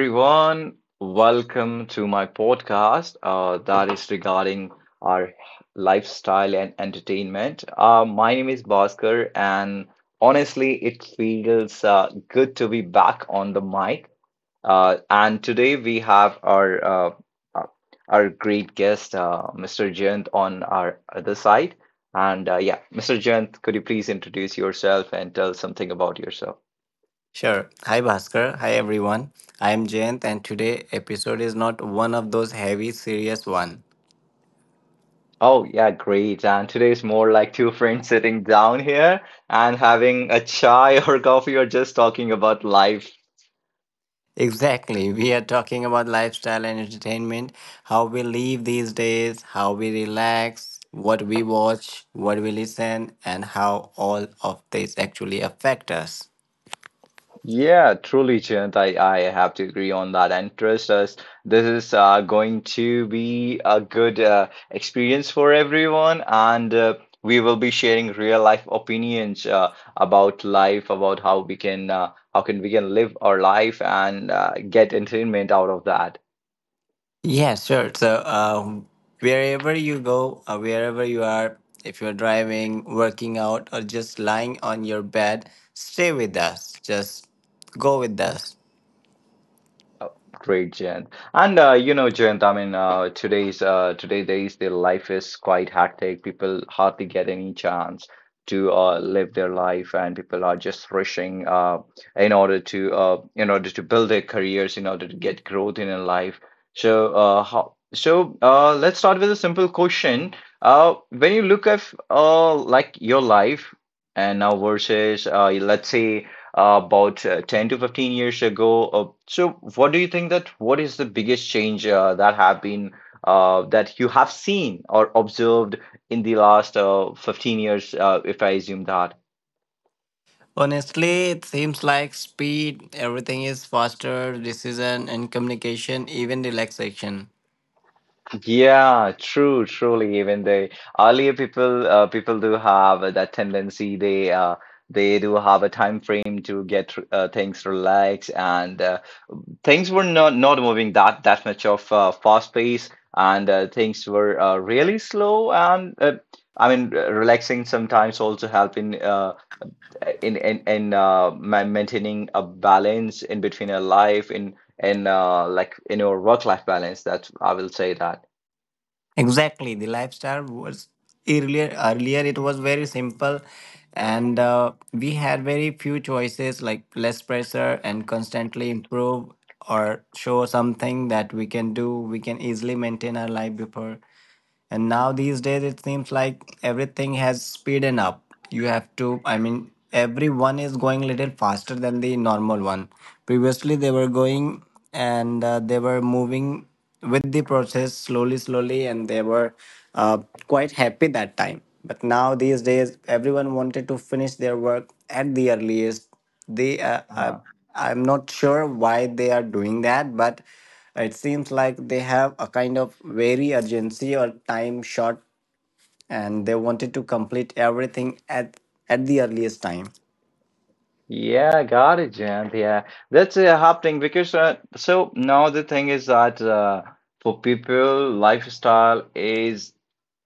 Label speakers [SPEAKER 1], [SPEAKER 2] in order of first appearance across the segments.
[SPEAKER 1] Everyone, welcome to my podcast that is regarding our lifestyle and entertainment. My name is Bhaskar, and honestly, it feels good to be back on the mic. And today we have uh, our great guest, Mr. Jayant, on our other side. And yeah, Mr. Jayant, could you please introduce yourself and tell something about yourself?
[SPEAKER 2] Sure. Hi Bhaskar. Hi everyone. I am Jayant and today episode is not one of those heavy serious one.
[SPEAKER 1] Oh, yeah, great. And today is more like two friends sitting down here and having a chai or coffee or just talking about life.
[SPEAKER 2] Exactly. We are talking about lifestyle and entertainment, how we live these days, how we relax, what we watch, what we listen and how all of this actually affect us.
[SPEAKER 1] Yeah, truly, Chant, I have to agree on that. And trust us, this is going to be a good experience for everyone. And we will be sharing real life opinions about life, about how we can how can we can live our life and get entertainment out of that.
[SPEAKER 2] Yeah, sure. So, wherever you go, wherever you are, if you're driving, working out, or just lying on your bed, stay with us. Just go with us.
[SPEAKER 1] Oh, great, Jayant. And Jayant, today days, their life is quite hectic. People hardly get any chance to live their life, and people are just rushing in order to build their careers, in order to get growth in their life. So, let's start with a simple question. When you look at like your life and now versus let's say about 10 to 15 years ago. So what do you think that what is the biggest change that you have seen or observed in the last 15 years, if I assume that?
[SPEAKER 2] Honestly, it seems like speed, everything is faster, decision and communication, even relaxation.
[SPEAKER 1] Truly. Even the earlier people, people do have that tendency. They do have a time frame to get things relaxed and things were not moving that much of fast pace and things were really slow and relaxing sometimes also help in maintaining a balance in between a life in like in your work life balance, that I will say that.
[SPEAKER 2] Exactly, the lifestyle was earlier. Earlier, it was very simple, and we had very few choices, like less pressure and constantly improve or show something that we can do. We can easily maintain our life before, and now these days it seems like everything has speeded up. You have to, I mean, everyone is going a little faster than the normal one previously they were going, and they were moving with the process slowly slowly and they were uh, quite happy that time, but now these days everyone wanted to finish their work at the earliest. They
[SPEAKER 1] Uh-huh.
[SPEAKER 2] I'm not sure why they are doing that, but it seems like they have a kind of very urgency or time short, and they wanted to complete everything at the earliest time.
[SPEAKER 1] Yeah, got it, Jen. Yeah, that's happening because so now the thing is that for people, lifestyle is,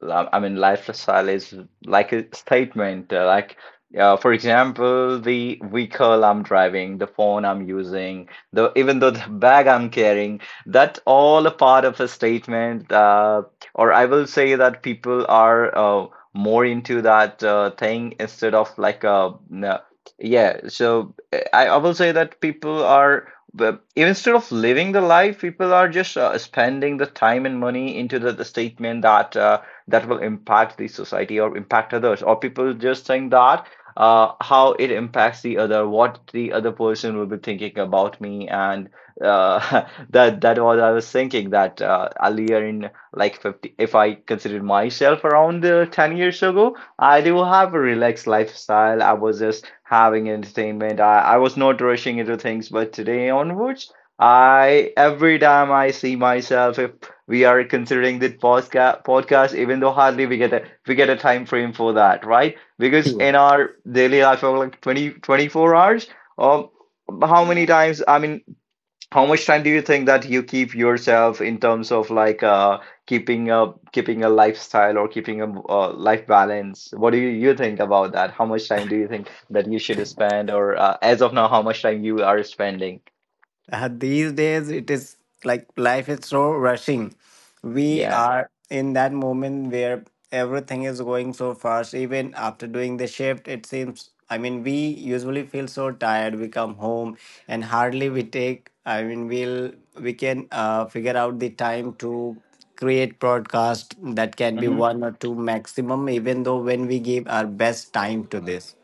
[SPEAKER 1] lifestyle is like a statement. For example, the vehicle I'm driving, the phone I'm using, the even though the bag I'm carrying, that's all a part of a statement. Or I will say that people are more into that thing instead of like a yeah, so I will say that people are instead of living the life, people are just spending the time and money into the statement that that will impact the society or impact others, or people just think that how it impacts the other, what the other person will be thinking about me, and uh, that was I was thinking that earlier in like 50, if I considered myself around 10 years ago. I do have a relaxed lifestyle. I was just having entertainment. I was not rushing into things, but today onwards, I every time I see myself, if we are considering the even though hardly we get a time frame for that, right? Because in our daily life of like twenty twenty four hours, um, how many times? I mean, how much time do you think that you keep yourself in terms of like keeping a keeping a lifestyle or keeping a life balance? What do you, you think about that? How much time do you think that you should spend, or as of now, how much time you are spending?
[SPEAKER 2] These days, it is like life is so rushing. We
[SPEAKER 1] Yeah.
[SPEAKER 2] are in that moment where everything is going so fast. Even after doing the shift, it seems, I mean, we usually feel so tired. We come home and hardly we take, I mean, we'll, we can figure out the time to create broadcast that can be one or two maximum, even though when we give our best time to this.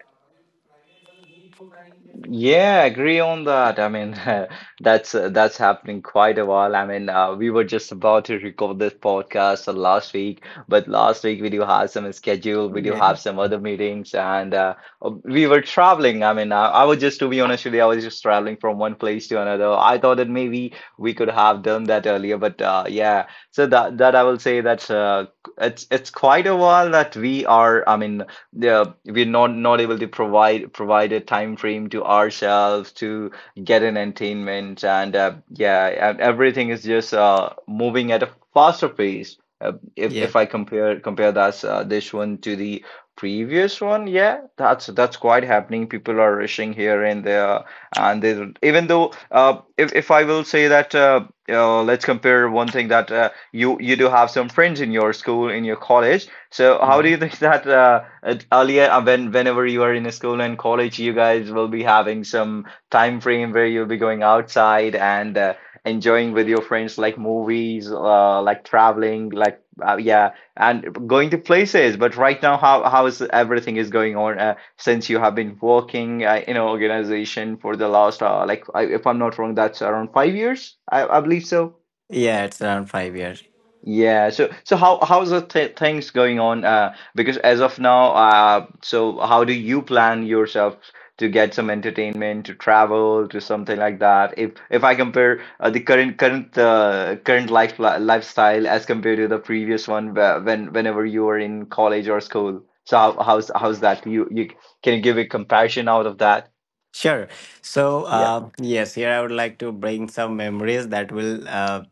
[SPEAKER 1] Yeah, agree on that. I mean, that's happening quite a while. We were just about to record this podcast last week, but last week we do have some schedule, we do
[SPEAKER 2] Yeah.
[SPEAKER 1] have some other meetings, and we were traveling. I mean, I was just to be honest with you, I was just traveling from one place to another. I thought that maybe we could have done that earlier, but yeah. So that I will say that's it's quite a while that we are. I mean, yeah, we're not able to provide a time frame to ourselves to get an entertainment, and yeah, and everything is just moving at a faster pace. If
[SPEAKER 2] Yeah.
[SPEAKER 1] if I compare that this one to the previous one, yeah, that's quite happening. People are rushing here and there, and they, even though if I will say that. Let's compare one thing that you do have some friends in your school, in your college. So how do
[SPEAKER 2] Mhm.
[SPEAKER 1] you think that earlier, when whenever you are in a school and college, you guys will be having some time frame where you'll be going outside and enjoying with your friends, like movies, like traveling, like yeah, and going to places. But right now, how is everything is going on since you have been working in an organization for the last like I, if I'm not wrong, that's around 5 years, I believe so.
[SPEAKER 2] Yeah, it's around 5 years.
[SPEAKER 1] Yeah, so how's the th things going on? Because as of now, so how do you plan yourself to get some entertainment, to travel, to something like that? If I compare the current life lifestyle as compared to the previous one, when whenever you were in college or school, so how, how's that? You can you give a comparison out of that?
[SPEAKER 2] Sure. So,
[SPEAKER 1] Yeah.
[SPEAKER 2] yes, here I would like to bring some memories that will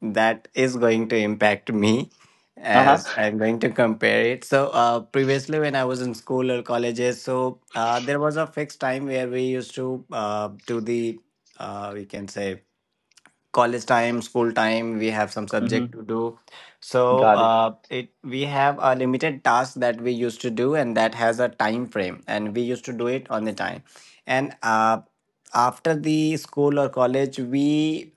[SPEAKER 2] that is going to impact me as
[SPEAKER 1] Uh-huh.
[SPEAKER 2] I'm going to compare it. So, previously when I was in school or colleges, so there was a fixed time where we used to do the we can say college time school time, we have some subject
[SPEAKER 1] Hmm.
[SPEAKER 2] to do, so
[SPEAKER 1] Got it.
[SPEAKER 2] it we have a limited task that we used to do and that has a time frame and we used to do it on the time, and after the school or college we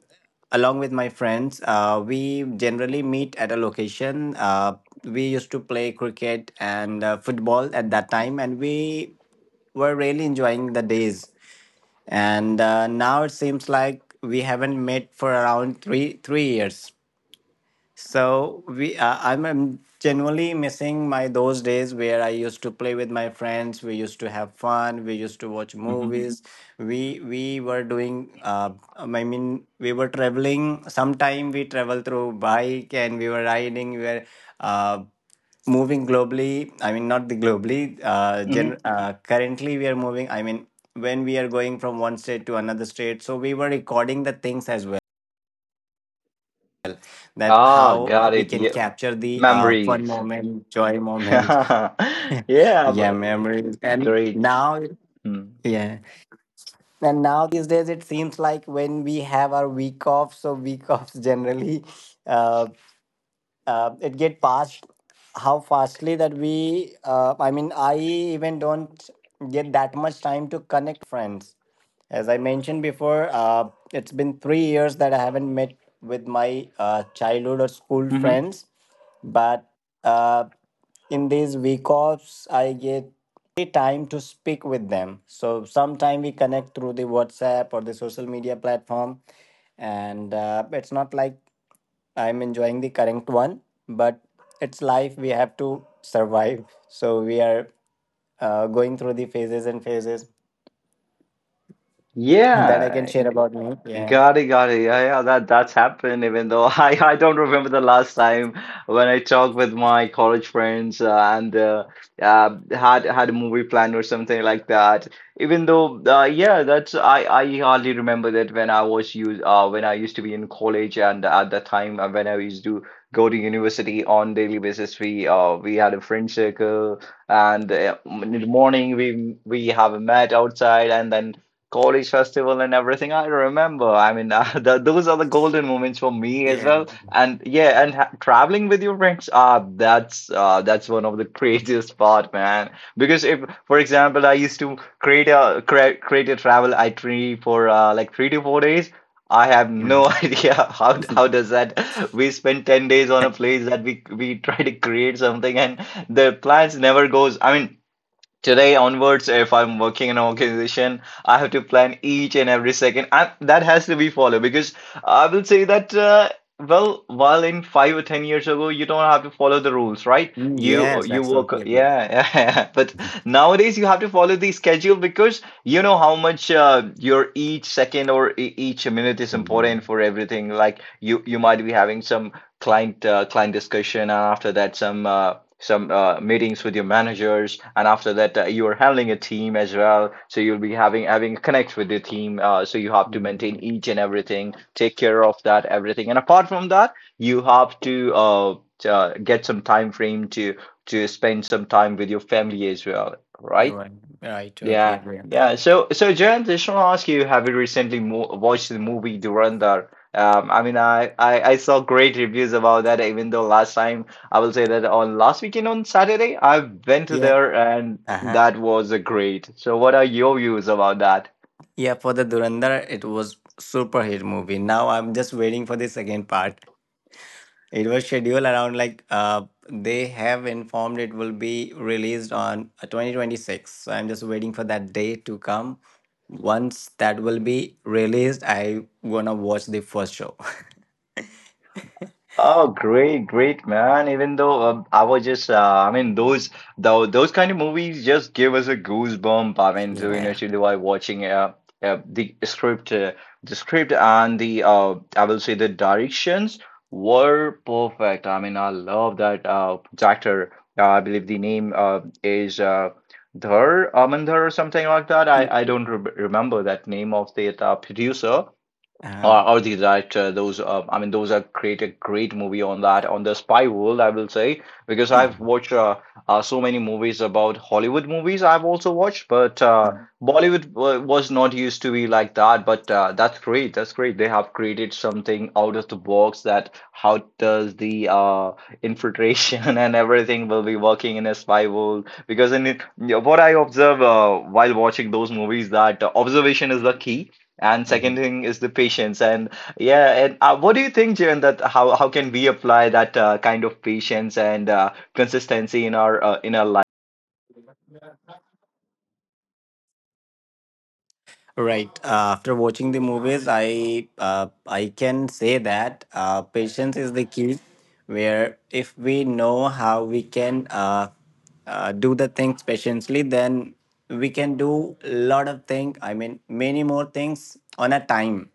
[SPEAKER 2] along with my friends we generally meet at a location. Uh, we used to play cricket and football at that time and we were really enjoying the days, and now it seems like we haven't met for around 3 3 years, so we I'm, genuinely missing my those days where I used to play with my friends. We used to have fun, we used to watch
[SPEAKER 1] Hmm.
[SPEAKER 2] movies, we were doing I mean we were traveling. Sometime we travel through bike and we were riding, we were uh, moving globally, I mean not the globally,
[SPEAKER 1] Hmm.
[SPEAKER 2] currently we are moving, I mean when we are going from one state to another state, so we were recording the things as well, that
[SPEAKER 1] Ah,
[SPEAKER 2] how
[SPEAKER 1] got
[SPEAKER 2] we
[SPEAKER 1] it.
[SPEAKER 2] can
[SPEAKER 1] Yeah.
[SPEAKER 2] capture the fun
[SPEAKER 1] Memories.
[SPEAKER 2] moment, joy moment.
[SPEAKER 1] Yeah,
[SPEAKER 2] Yeah,
[SPEAKER 1] but
[SPEAKER 2] memories. And
[SPEAKER 1] great.
[SPEAKER 2] now,
[SPEAKER 1] Mm.
[SPEAKER 2] yeah, and now these days, it seems like when we have our week off, so week offs generally, uh, it get passed how fastly that we. I mean, I even don't get that much time to connect friends. As I mentioned before, it's been 3 years that I haven't met with my childhood or school
[SPEAKER 1] Hmm.
[SPEAKER 2] friends. But uh, in these week offs, I get time to speak with them. So sometime we connect through the WhatsApp or the social media platform, and it's not like I'm enjoying the current one, but it's life. We have to survive. So we are going through the phases and phases that I can
[SPEAKER 1] Yeah,
[SPEAKER 2] share about me. Yeah.
[SPEAKER 1] got it, got it. Yeah, yeah, that's happened. Even though I don't remember the last time when I talked with my college friends and had a movie plan or something like that. Even though, yeah, that's I hardly remember that when I was used when I used to be in college and at that time when I used to go to university on daily basis, we had a friend circle and in the morning we have a met outside and then college festival and everything. I remember. I mean, th those are the golden moments for me as
[SPEAKER 2] Yeah.
[SPEAKER 1] well. And yeah, and ha traveling with your friends, ah, that's one of the craziest part, man. Because if, for example, I used to create a cre create a travel itinerary for like 3 to 4 days. I have no
[SPEAKER 2] Mm.
[SPEAKER 1] idea how does that. We spend 10 days on a place that we try to create something and the plans never goes. I mean, today onwards, if I'm working in an organization, I have to plan each and every second and that has to be followed because I will say that well, while in 5 or 10 years ago, you don't have to follow the rules, right?
[SPEAKER 2] Mm,
[SPEAKER 1] you
[SPEAKER 2] yes, I
[SPEAKER 1] you work.
[SPEAKER 2] totally agree.
[SPEAKER 1] Yeah, yeah. But nowadays you have to follow the schedule because you know how much your each second or each minute is
[SPEAKER 2] Mm.
[SPEAKER 1] important for everything. Like you might be having some client client discussion and after that some meetings with your managers and after that you are handling a team as well, so you'll be having connect with your team, so you have to maintain
[SPEAKER 2] Mm.
[SPEAKER 1] each and everything, take care of that everything, and apart from that you have to get some time frame to spend some time with your family as well, right?
[SPEAKER 2] Right. I totally
[SPEAKER 1] Yeah,
[SPEAKER 2] agree on that.
[SPEAKER 1] yeah. So, so Jen, just want to ask you, have you recently mo watched the movie Durandar? I saw great reviews about that. Even though last time, I will say that on last weekend on Saturday, I went to
[SPEAKER 2] Yeah.
[SPEAKER 1] there and
[SPEAKER 2] Uh-huh.
[SPEAKER 1] that was a great. So, what are your views about that?
[SPEAKER 2] Yeah, for the Durandar, it was super hit movie. Now I'm just waiting for the second part. It was scheduled around like they have informed it will be released on 2026. So I'm just waiting for that day to come. Once that will be released, I gonna watch the first show.
[SPEAKER 1] Oh, great, great, man. Even though I was just, those though those kind of movies just give us a goosebump. I mean, to you know,
[SPEAKER 2] Yeah.
[SPEAKER 1] to while watching uh, the script, uh, the script and the I will say the directions were perfect. I mean, I love that director. I believe the name is Dhar Amandhar or something like that. I
[SPEAKER 2] Uh-huh.
[SPEAKER 1] don't re remember that name of the producer.
[SPEAKER 2] Uh.
[SPEAKER 1] Or the that those I mean, those are create a great movie on that, on the spy world, I will say, because I've
[SPEAKER 2] Mhm.
[SPEAKER 1] watched so many movies. About Hollywood movies I've also watched, but Bollywood was not used to be like that. But that's great, that's great. They have created something out of the box, that how does the infiltration and everything will be working in a spy world? Because in it, what I observe while watching those movies, that observation is the key, and second
[SPEAKER 2] Mhm.
[SPEAKER 1] thing is the patience. And yeah, and what do you think, Jiren, that how can we apply that kind of patience and consistency in our life?
[SPEAKER 2] Right. After watching the movies, I can say that patience is the key. Where if we know how we can do the things patiently, then we can do a lot of things. I mean, many more things on a time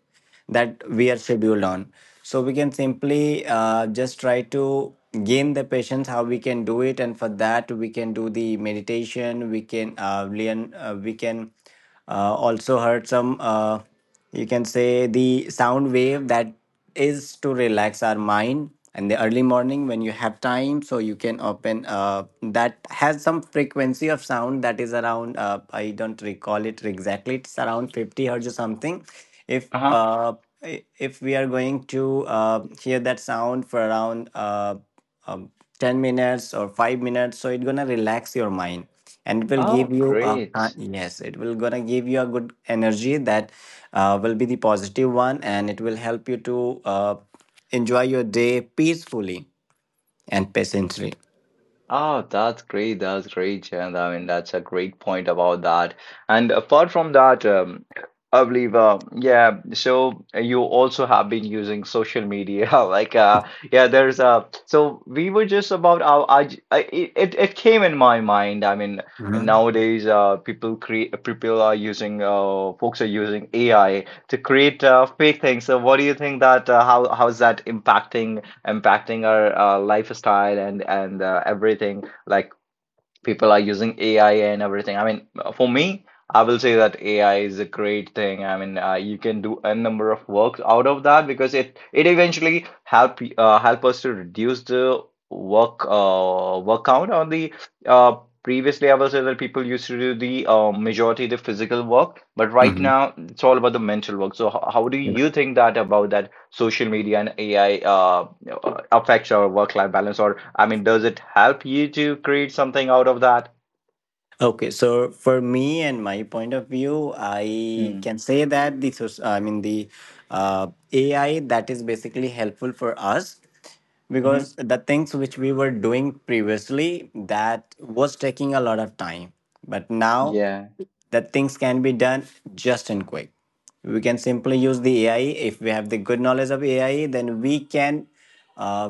[SPEAKER 2] that we are scheduled on. So we can simply just try to gain the patience how we can do it, and for that we can do the meditation. We can learn. We can also heard some you can say the sound wave that is to relax our mind, and the early morning when you have time so you can open that has some frequency of sound that is around I don't recall it exactly, it's around 50 hertz or something. If
[SPEAKER 1] Uh-huh.
[SPEAKER 2] if we are going to hear that sound for around um, 10 minutes or 5 minutes, so it's gonna relax your mind and it will give
[SPEAKER 1] Oh,
[SPEAKER 2] you
[SPEAKER 1] great.
[SPEAKER 2] yes, it will gonna give you a good energy that will be the positive one and it will help you to enjoy your day peacefully and patiently.
[SPEAKER 1] Oh, that's great. That's great, Jayant. I mean, that's a great point about that. And apart from that, I believe, yeah, so you also have been using social media. Like, yeah, so we were just about, our, I, j- I, it came in my mind. I mean,
[SPEAKER 2] Mhm.
[SPEAKER 1] nowadays, folks are using AI to create fake things. So what do you think that, how's that impacting our lifestyle and and everything. Like people are using AI and everything. I mean, for me, I will say that AI is a great thing. I mean, you can do a number of works out of that, because it eventually help us to reduce the work count on the uh, previously, I will say that people used to do the majority of the physical work, but right
[SPEAKER 2] Mhm.
[SPEAKER 1] now it's all about the mental work. So how do
[SPEAKER 2] Yeah.
[SPEAKER 1] you think that, about that social media and AI affect your work life balance, or I mean, does it help you to create something out of that?
[SPEAKER 2] Okay, so for me and my point of view, I
[SPEAKER 1] Mm-hmm.
[SPEAKER 2] can say that I mean the AI that is basically helpful for us, because the things which we were doing previously that was taking a lot of time, but now
[SPEAKER 1] Yeah,
[SPEAKER 2] the things can be done just and quick. We can simply use the ai if we have the good knowledge of ai, then we can uh,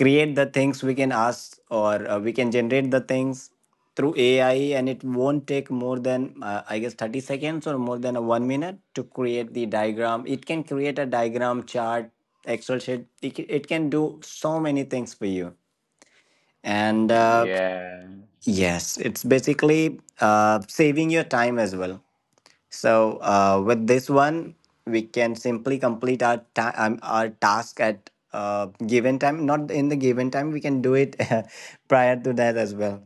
[SPEAKER 2] create the things, we can ask or we can generate the things through AI, and it won't take more than I guess 30 seconds or more than a 1 minute to create the diagram. It can create a diagram, chart, Excel sheet. It can do so many things for you. And
[SPEAKER 1] yeah.
[SPEAKER 2] yes, it's basically saving your time as well. So with this one, we can simply complete our task at given time. Not in the given time, we can do it prior to that as well.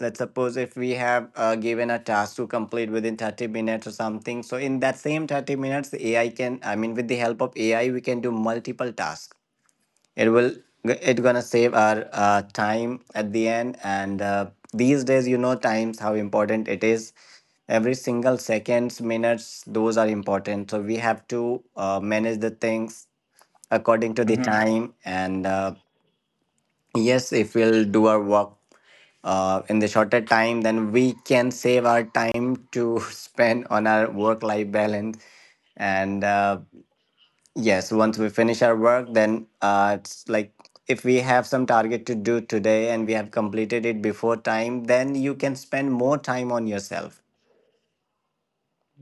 [SPEAKER 2] Let's suppose if we have given a task to complete within 30 minutes or something, so in that same 30 minutes the ai can, I mean with the help of ai we can do multiple tasks. It will, it gonna save our time at the end. And these days you know times how important it is, every single seconds minutes those are important, so we have to manage the things according to the
[SPEAKER 1] Mhm.
[SPEAKER 2] time. And yes, if we'll do our work in the shorter time, then we can save our time to spend on our work life balance. And yes, once we finish our work, then it's like if we have some target to do today and we have completed it before time, then you can spend more time on yourself.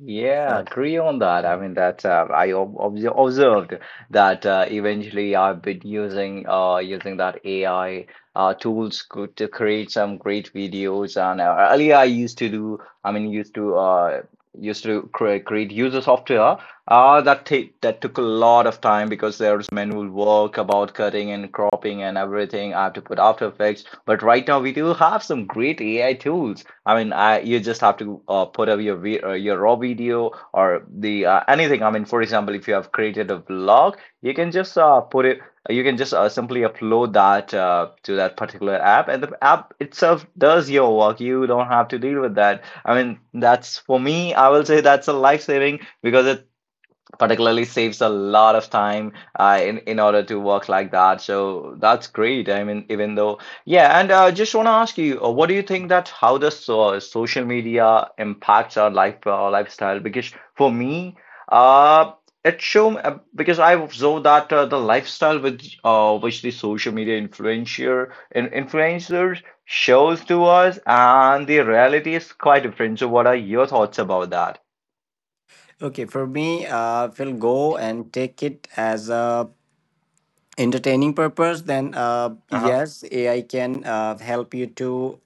[SPEAKER 1] Yeah,
[SPEAKER 2] So-
[SPEAKER 1] agree on that. I mean, that I observed that eventually I've been using that AI tools, to create some great videos. And earlier, I mean, used to create user software. That took a lot of time, because there's manual work about cutting and cropping and everything. I have to put After Effects. But right now we do have some great AI tools. I mean, I you just have to put up your raw video or the anything. I mean, for example, if you have created a vlog, you can just put it. You can just simply upload that to that particular app, and the app itself does your work. You don't have to deal with that. I mean, that's for me, I will say that's a life saving, because it particularly saves a lot of time in order to work like that. So that's great. I mean, even though, yeah, and just want to ask you, what do you think that, how does social media impacts our lifestyle? Because for me, uh, it show because I observed that the lifestyle which the social media influencer in, influencers shows to us, and the reality is quite different. So, what are your thoughts about that?
[SPEAKER 2] Okay, for me, if we'll go and take it as a entertaining purpose, then
[SPEAKER 1] Uh-huh.
[SPEAKER 2] yes, AI can help you to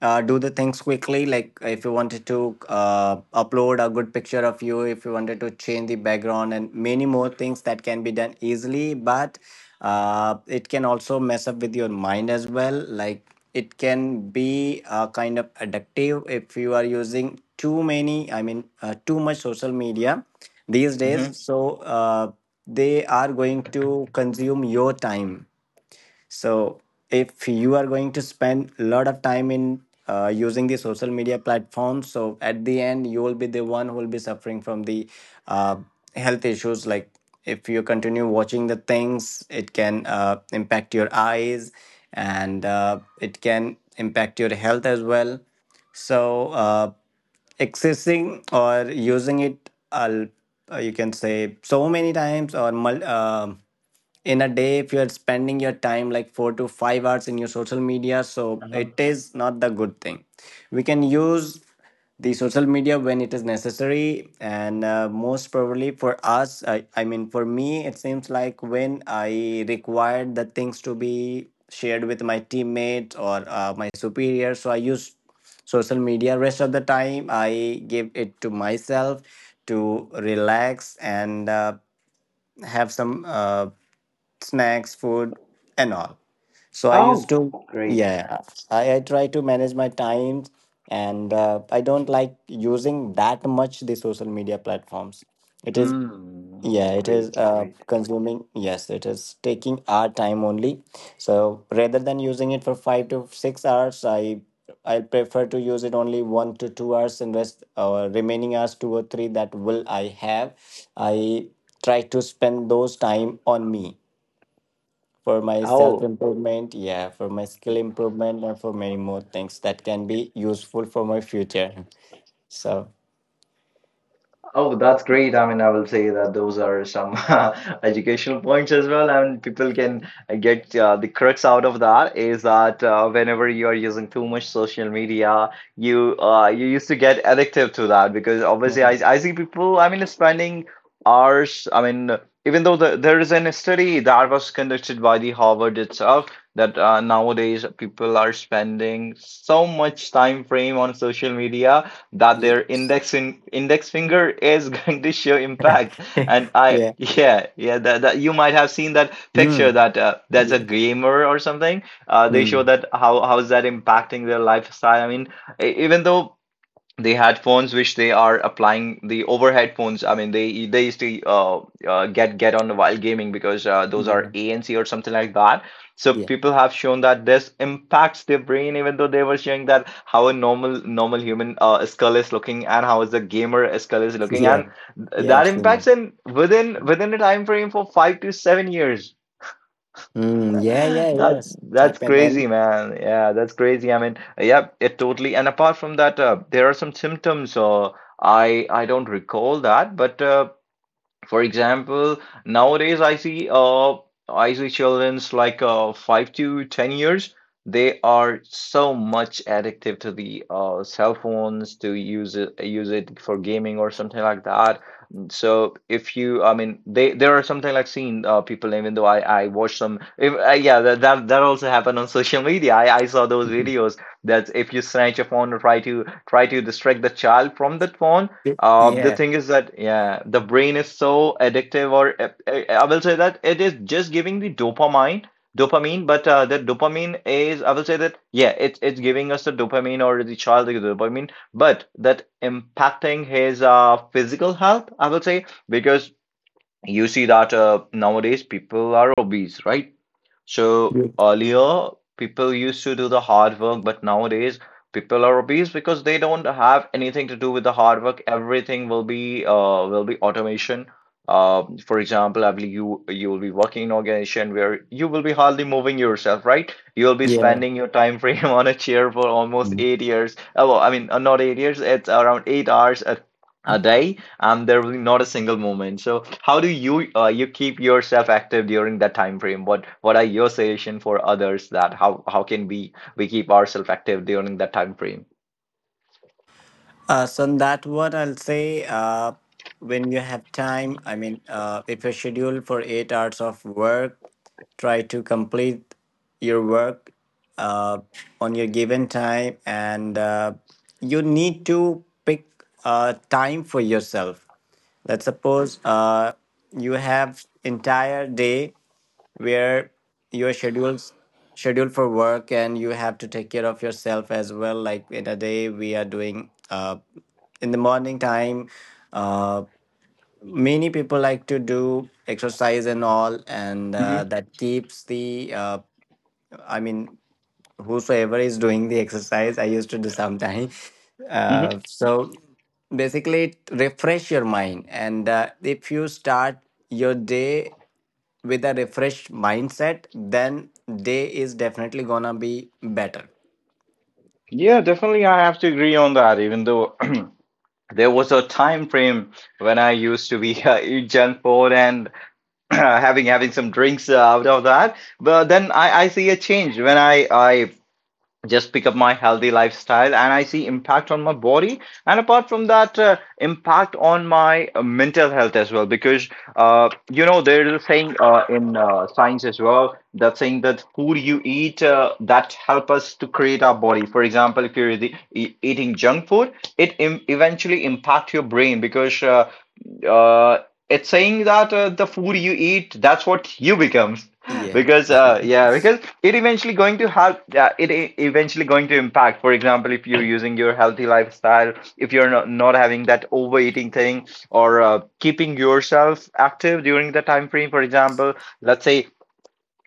[SPEAKER 2] do the things quickly, like if you wanted to upload a good picture of you, if you wanted to change the background and many more things that can be done easily. But it can also mess up with your mind as well. Like it can be kind of addictive if you are using too many too much social media these
[SPEAKER 1] Hmm.
[SPEAKER 2] days. So they are going to consume your time. So if you are going to spend a lot of time in using the social media platforms, so at the end you will be the one who will be suffering from the uh, health issues. Like if you continue watching the things, it can impact your eyes and it can impact your health as well. So accessing or using it, you can say, so many times or in a day, if you're spending your time like 4 to 5 hours in your social media, so it is not the good thing. We can use the social media when it is necessary, and most probably for us I mean for me, it seems like when I required the things to be shared with my teammates or my superior, so I use social media. Rest of the time I give it to myself to relax and have some snacks, food, and all. So I used
[SPEAKER 1] Oh,
[SPEAKER 2] to,
[SPEAKER 1] great,
[SPEAKER 2] yeah, I try to manage my time and I don't like using that much the social media platforms. It is,
[SPEAKER 1] mm,
[SPEAKER 2] yeah, it is
[SPEAKER 1] great, great.
[SPEAKER 2] consuming, yes, it is taking our time only. So rather than using it for 5 to 6 hours, I prefer to use it only 1 to 2 hours, and rest remaining hours 2 or 3 that will I have, I try to spend those time on me for my self
[SPEAKER 1] Oh,
[SPEAKER 2] improvement, yeah, for my skill improvement, and for many more things that can be useful for my future. So,
[SPEAKER 1] oh, that's great. I mean, I will say that those are some educational points as well. I mean, people can get the crux out of that, is that whenever you are using too much social media, you used to get addictive to that, because obviously
[SPEAKER 2] mm,
[SPEAKER 1] I see people, I mean, spending hours. I mean, even though there is a study that was conducted by the Harvard itself, that nowadays people are spending so much time frame on social media that their
[SPEAKER 2] yes,
[SPEAKER 1] index finger is going to show impact. And
[SPEAKER 2] yeah,
[SPEAKER 1] yeah, yeah, that you might have seen that picture,
[SPEAKER 2] mm.
[SPEAKER 1] that there's a
[SPEAKER 2] yes,
[SPEAKER 1] gamer or something. They show
[SPEAKER 2] mm.
[SPEAKER 1] that how is that impacting their lifestyle. I mean, even though they had phones which they are applying, the overhead phones. I mean, they used to get on the while gaming, because those are
[SPEAKER 2] yeah,
[SPEAKER 1] ANC or something like that. So
[SPEAKER 2] yeah,
[SPEAKER 1] people have shown that this impacts their brain, even though they were showing that how a normal human skull is looking and how is the gamer skull is looking,
[SPEAKER 2] yeah,
[SPEAKER 1] and
[SPEAKER 2] yeah,
[SPEAKER 1] that
[SPEAKER 2] absolutely.
[SPEAKER 1] impacts in within a time frame for 5 to 7 years.
[SPEAKER 2] Mm. Yeah, yeah,
[SPEAKER 1] That
[SPEAKER 2] yes, it
[SPEAKER 1] that's
[SPEAKER 2] happened,
[SPEAKER 1] crazy,
[SPEAKER 2] and
[SPEAKER 1] man. Yeah, that's crazy. I mean, yeah, it totally. And apart from that, there are some symptoms. I don't recall that, but for example, nowadays I see children's like 5 to 10 years. They are so much addictive to the cell phones, to use it for gaming or something like that. Mm. So if you, I mean, they there are something like seen people, even though I watch some, if yeah, that also happened on social media. I saw those videos that, if you snatch a phone or try to distract the child from that phone, the
[SPEAKER 2] yeah,
[SPEAKER 1] thing is that, yeah, the brain is so addictive, or I will say that it is just giving the dopamine, but that dopamine is, I will say that, yeah, it's giving us the dopamine, or the child the dopamine, but that impacting his physical health, I will say, because you see that nowadays people are obese, right? So
[SPEAKER 2] Yeah.
[SPEAKER 1] earlier, people used to do the hard work, but nowadays, people are obese because they don't have anything to do with the hard work. Everything will be automation. For example, I believe you will be working in an organization where you will be hardly moving yourself, right? You will be
[SPEAKER 2] Yeah.
[SPEAKER 1] spending your time frame on a chair for almost
[SPEAKER 2] Mm.
[SPEAKER 1] 8 years. Oh, well, I mean, not 8 years. It's around 8 hours a day, and there will be not a single moment. So how do you keep yourself active during that time frame? What are your suggestion for others, that how can we keep ourselves active during that time frame?
[SPEAKER 2] So on that, what I'll say, when you have time, I mean, if you're scheduled for 8 hours of work, try to complete your work uh, on your given time, and you need to pick time for yourself. Let's suppose you have entire day where your schedules scheduled for work, and you have to take care of yourself as well. Like in a day we are doing in the morning time, uh many people like to do exercise and all, and
[SPEAKER 1] Mm-hmm.
[SPEAKER 2] that keeps the i mean whosoever is doing the exercise, I used to do sometime
[SPEAKER 1] Mm-hmm.
[SPEAKER 2] so basically it refresh your mind, and if you start your day with a refreshed mindset, then day is definitely gonna be better.
[SPEAKER 1] Yeah, definitely. I have to agree on that, even though there was a time frame when I used to be eat junk food and having some drinks out of that. But then I see a change, when I just pick up my healthy lifestyle, and I see impact on my body, and apart from that, impact on my mental health as well, because you know, there's a saying in science as well, that saying that food you eat, that help us to create our body. For example, if you're eating junk food, eventually impact your brain, because uh, it's saying that the food you eat, that's what you becomes.
[SPEAKER 2] Yeah.
[SPEAKER 1] Because it eventually going to have eventually going to impact. For example, if you're using your healthy lifestyle, if you're not having that overeating thing, or keeping yourself active during the time frame. For example, let's say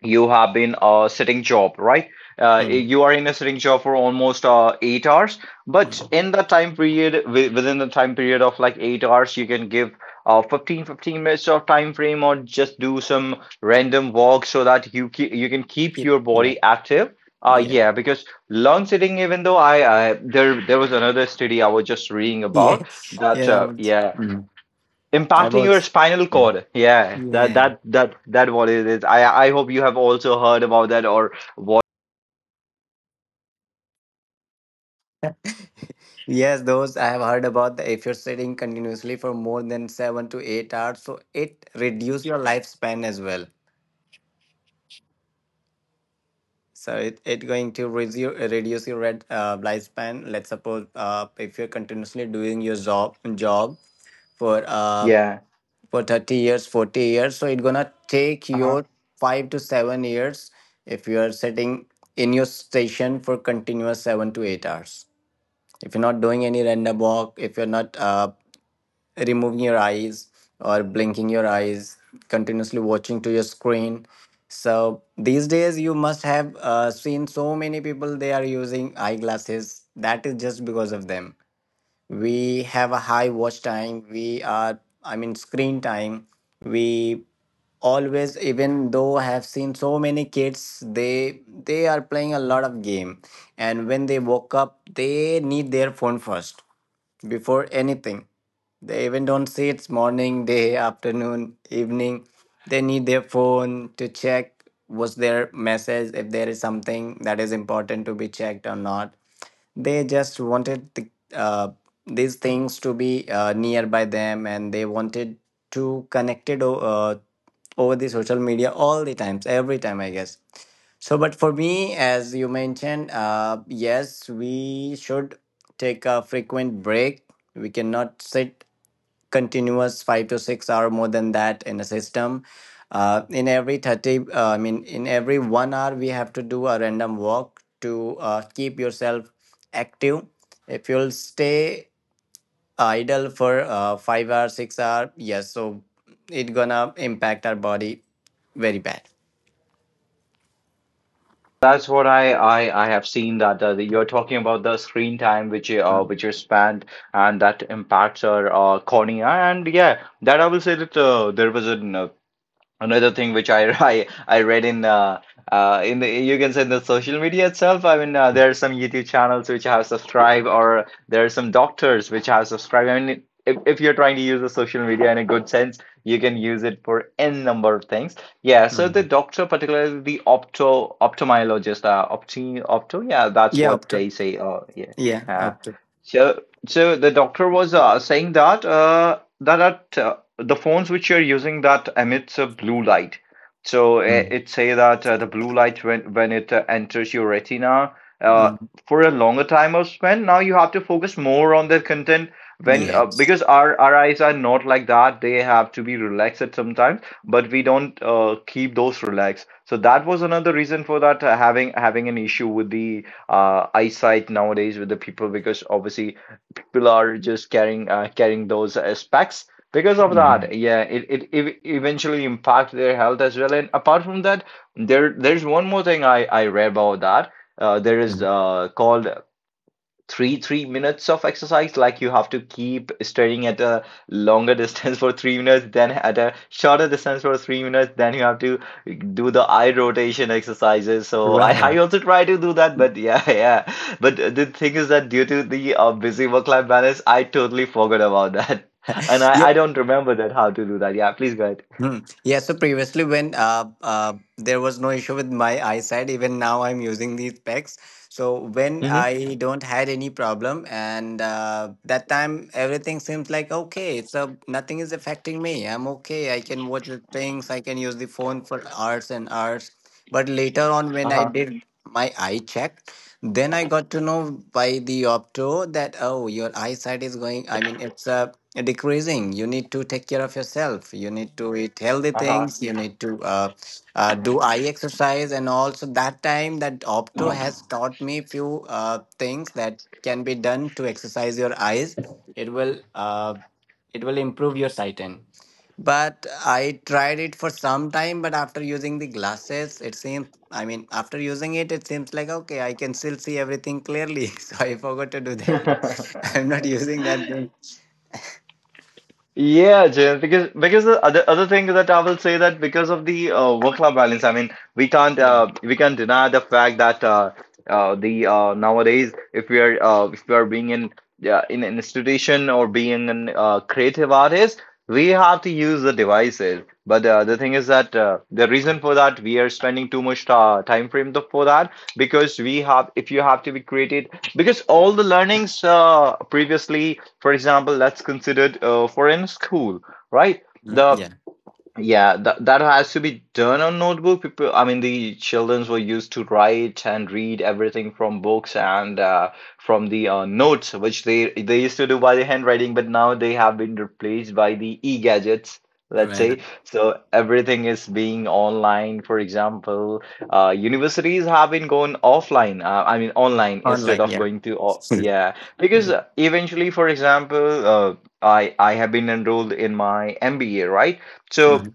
[SPEAKER 1] you have been sitting job, right?
[SPEAKER 2] Mm,
[SPEAKER 1] You are in a sitting job for almost 8 hours, but
[SPEAKER 2] mm.
[SPEAKER 1] in the time period within the time period of like 8 hours, you can give 15 fifteen minutes of time frame, or just do some random walk, so that you can keep
[SPEAKER 2] Yep.
[SPEAKER 1] your
[SPEAKER 2] Yeah.
[SPEAKER 1] body active,
[SPEAKER 2] Yeah.
[SPEAKER 1] yeah, because long sitting, even though I there was another study I was just reading
[SPEAKER 2] Yeah.
[SPEAKER 1] about that,
[SPEAKER 2] Yeah. I was.
[SPEAKER 1] yeah,
[SPEAKER 2] Mm. I
[SPEAKER 1] impacting your
[SPEAKER 2] was.
[SPEAKER 1] spinal
[SPEAKER 2] Yeah.
[SPEAKER 1] cord, yeah.
[SPEAKER 2] Yeah.
[SPEAKER 1] That what it is. I hope you have also heard about that or watched.
[SPEAKER 2] Yes, those I have heard about. If you're sitting continuously for more than 7 to 8 hours, so it reduces your lifespan as well. So it going to reduce your red life span. Let's suppose if you're continuously doing your job for
[SPEAKER 1] Yeah.
[SPEAKER 2] 30 years, 40 years, so it's gonna take your
[SPEAKER 1] Uh-huh.
[SPEAKER 2] 5 to 7 years, if you are sitting in your station for continuous 7 to 8 hours. If you're not doing any random walk, if you're not removing your eyes or blinking your eyes, continuously watching to your screen. So these days, you must have seen so many people they are using eyeglasses. That is just because of them. We have a high watch time. We are, I mean, screen time. We always. Even though I have seen so many kids, they are playing a lot of game, and when they woke up, they need their phone first before anything. They even don't see it's morning, day, afternoon, evening. They need their phone to check was their message, if there is something that is important to be checked or not. They just wanted the, uh, these things to be nearby them, and they wanted to connect it over the social media all the times, every time, I guess. So, but for me, as you mentioned, yes, we should take a frequent break. We cannot sit continuous 5 to 6 hour more than that in a system. In every in every 1 hour, we have to do a random walk to keep yourself active. If you'll stay idle for 5 hours, 6 hour, yes, so it gonna impact our body very bad.
[SPEAKER 1] That's what I have seen, that you're talking about the screen time which is spent, and that impacts our cornea. And yeah, that I will say that, there was a another thing which I I read in the you can say, the social media itself. I mean, there are some YouTube channels which have subscribed, or there are some doctors which have subscribed. I mean, if you're trying to use the social media in a good sense, you can use it for n number of things. Yeah. So the
[SPEAKER 2] Mhm.
[SPEAKER 1] doctor, particularly the opto ophthalmologist, yeah, that's
[SPEAKER 2] Yeah, up
[SPEAKER 1] what
[SPEAKER 2] to,
[SPEAKER 1] they say. Oh, yeah.
[SPEAKER 2] yeah,
[SPEAKER 1] Uh,
[SPEAKER 2] up
[SPEAKER 1] so the doctor was saying that that the phones which you're using that emits a blue light. So it,
[SPEAKER 2] Mm,
[SPEAKER 1] it say that the blue light when it enters your retina uh,
[SPEAKER 2] mm,
[SPEAKER 1] for a longer time of spend. Now you have to focus more on the content when uh,
[SPEAKER 2] yes.
[SPEAKER 1] because our our eyes are not like that. They have to be relaxed at sometimes, but we don't keep those relaxed. So that was another reason for that having an issue with the eyesight nowadays with the people because obviously people are just carrying carrying those as packs because of
[SPEAKER 2] Mm,
[SPEAKER 1] that, yeah, it eventually impact their health as well. And apart from that, there there's one more thing I read about that. Uh, there is
[SPEAKER 2] mm.
[SPEAKER 1] called three minutes of exercise. Like, you have to keep staring at a longer distance for 3 minutes, then at a shorter distance for 3 minutes, then you have to do the eye rotation exercises. I
[SPEAKER 2] Right.
[SPEAKER 1] also try to do that, but yeah, yeah, but the thing is that due to the busy work life balance, I totally forgot about that, and
[SPEAKER 2] Yeah.
[SPEAKER 1] I don't remember that how to do that. Yeah, please go ahead.
[SPEAKER 2] Mm. Yeah, so previously when there was no issue with my eyesight, even now I'm using these specs. So when
[SPEAKER 1] Hmm.
[SPEAKER 2] I don't had any problem, and that time everything seems like okay, so nothing is affecting me. I'm okay. I can watch the things. I can use the phone for hours and hours. But later on, when I
[SPEAKER 1] Uh-huh.
[SPEAKER 2] did my eye check, then I got to know by the opto that oh, your eyesight is going. I mean, it's a decreasing. You need to take care of yourself. You need to eat healthy
[SPEAKER 1] Uh-huh.
[SPEAKER 2] things. You need to do eye exercise. And also that time, that opto has taught me few things that can be done to exercise your eyes. It will it will improve your sight in. But I tried it for some time, but after using the glasses, it seems, after using it, it seems like okay, I can still see everything clearly, so I forgot to do that. I'm not using that then.
[SPEAKER 1] Yeah, James, because the other thing that I will say that because of the work-life balance, I mean,
[SPEAKER 2] Mm,
[SPEAKER 1] we can't deny the fact that the nowadays if we are being in, yeah, in an institution or being an creative artist, we have to use the devices. But the thing is that the reason for that we are spending too much time frame for that because we have, if you have to be creative, because all the learnings previously, for example, that's considered for in school, right? The
[SPEAKER 2] yeah.
[SPEAKER 1] yeah, that that has to be done on notebook. People, I mean, the childrens were used to write and read everything from books and from the notes, which they used to do by the handwriting, but now they have been replaced by the e-gadgets, let's
[SPEAKER 2] Right.
[SPEAKER 1] say. So everything is being online. For example, universities have been going offline. I mean, online, instead
[SPEAKER 2] Online,
[SPEAKER 1] of
[SPEAKER 2] yeah.
[SPEAKER 1] going
[SPEAKER 2] yeah.
[SPEAKER 1] yeah, because eventually, for example, I have been enrolled in my MBA, right? So
[SPEAKER 2] Mm.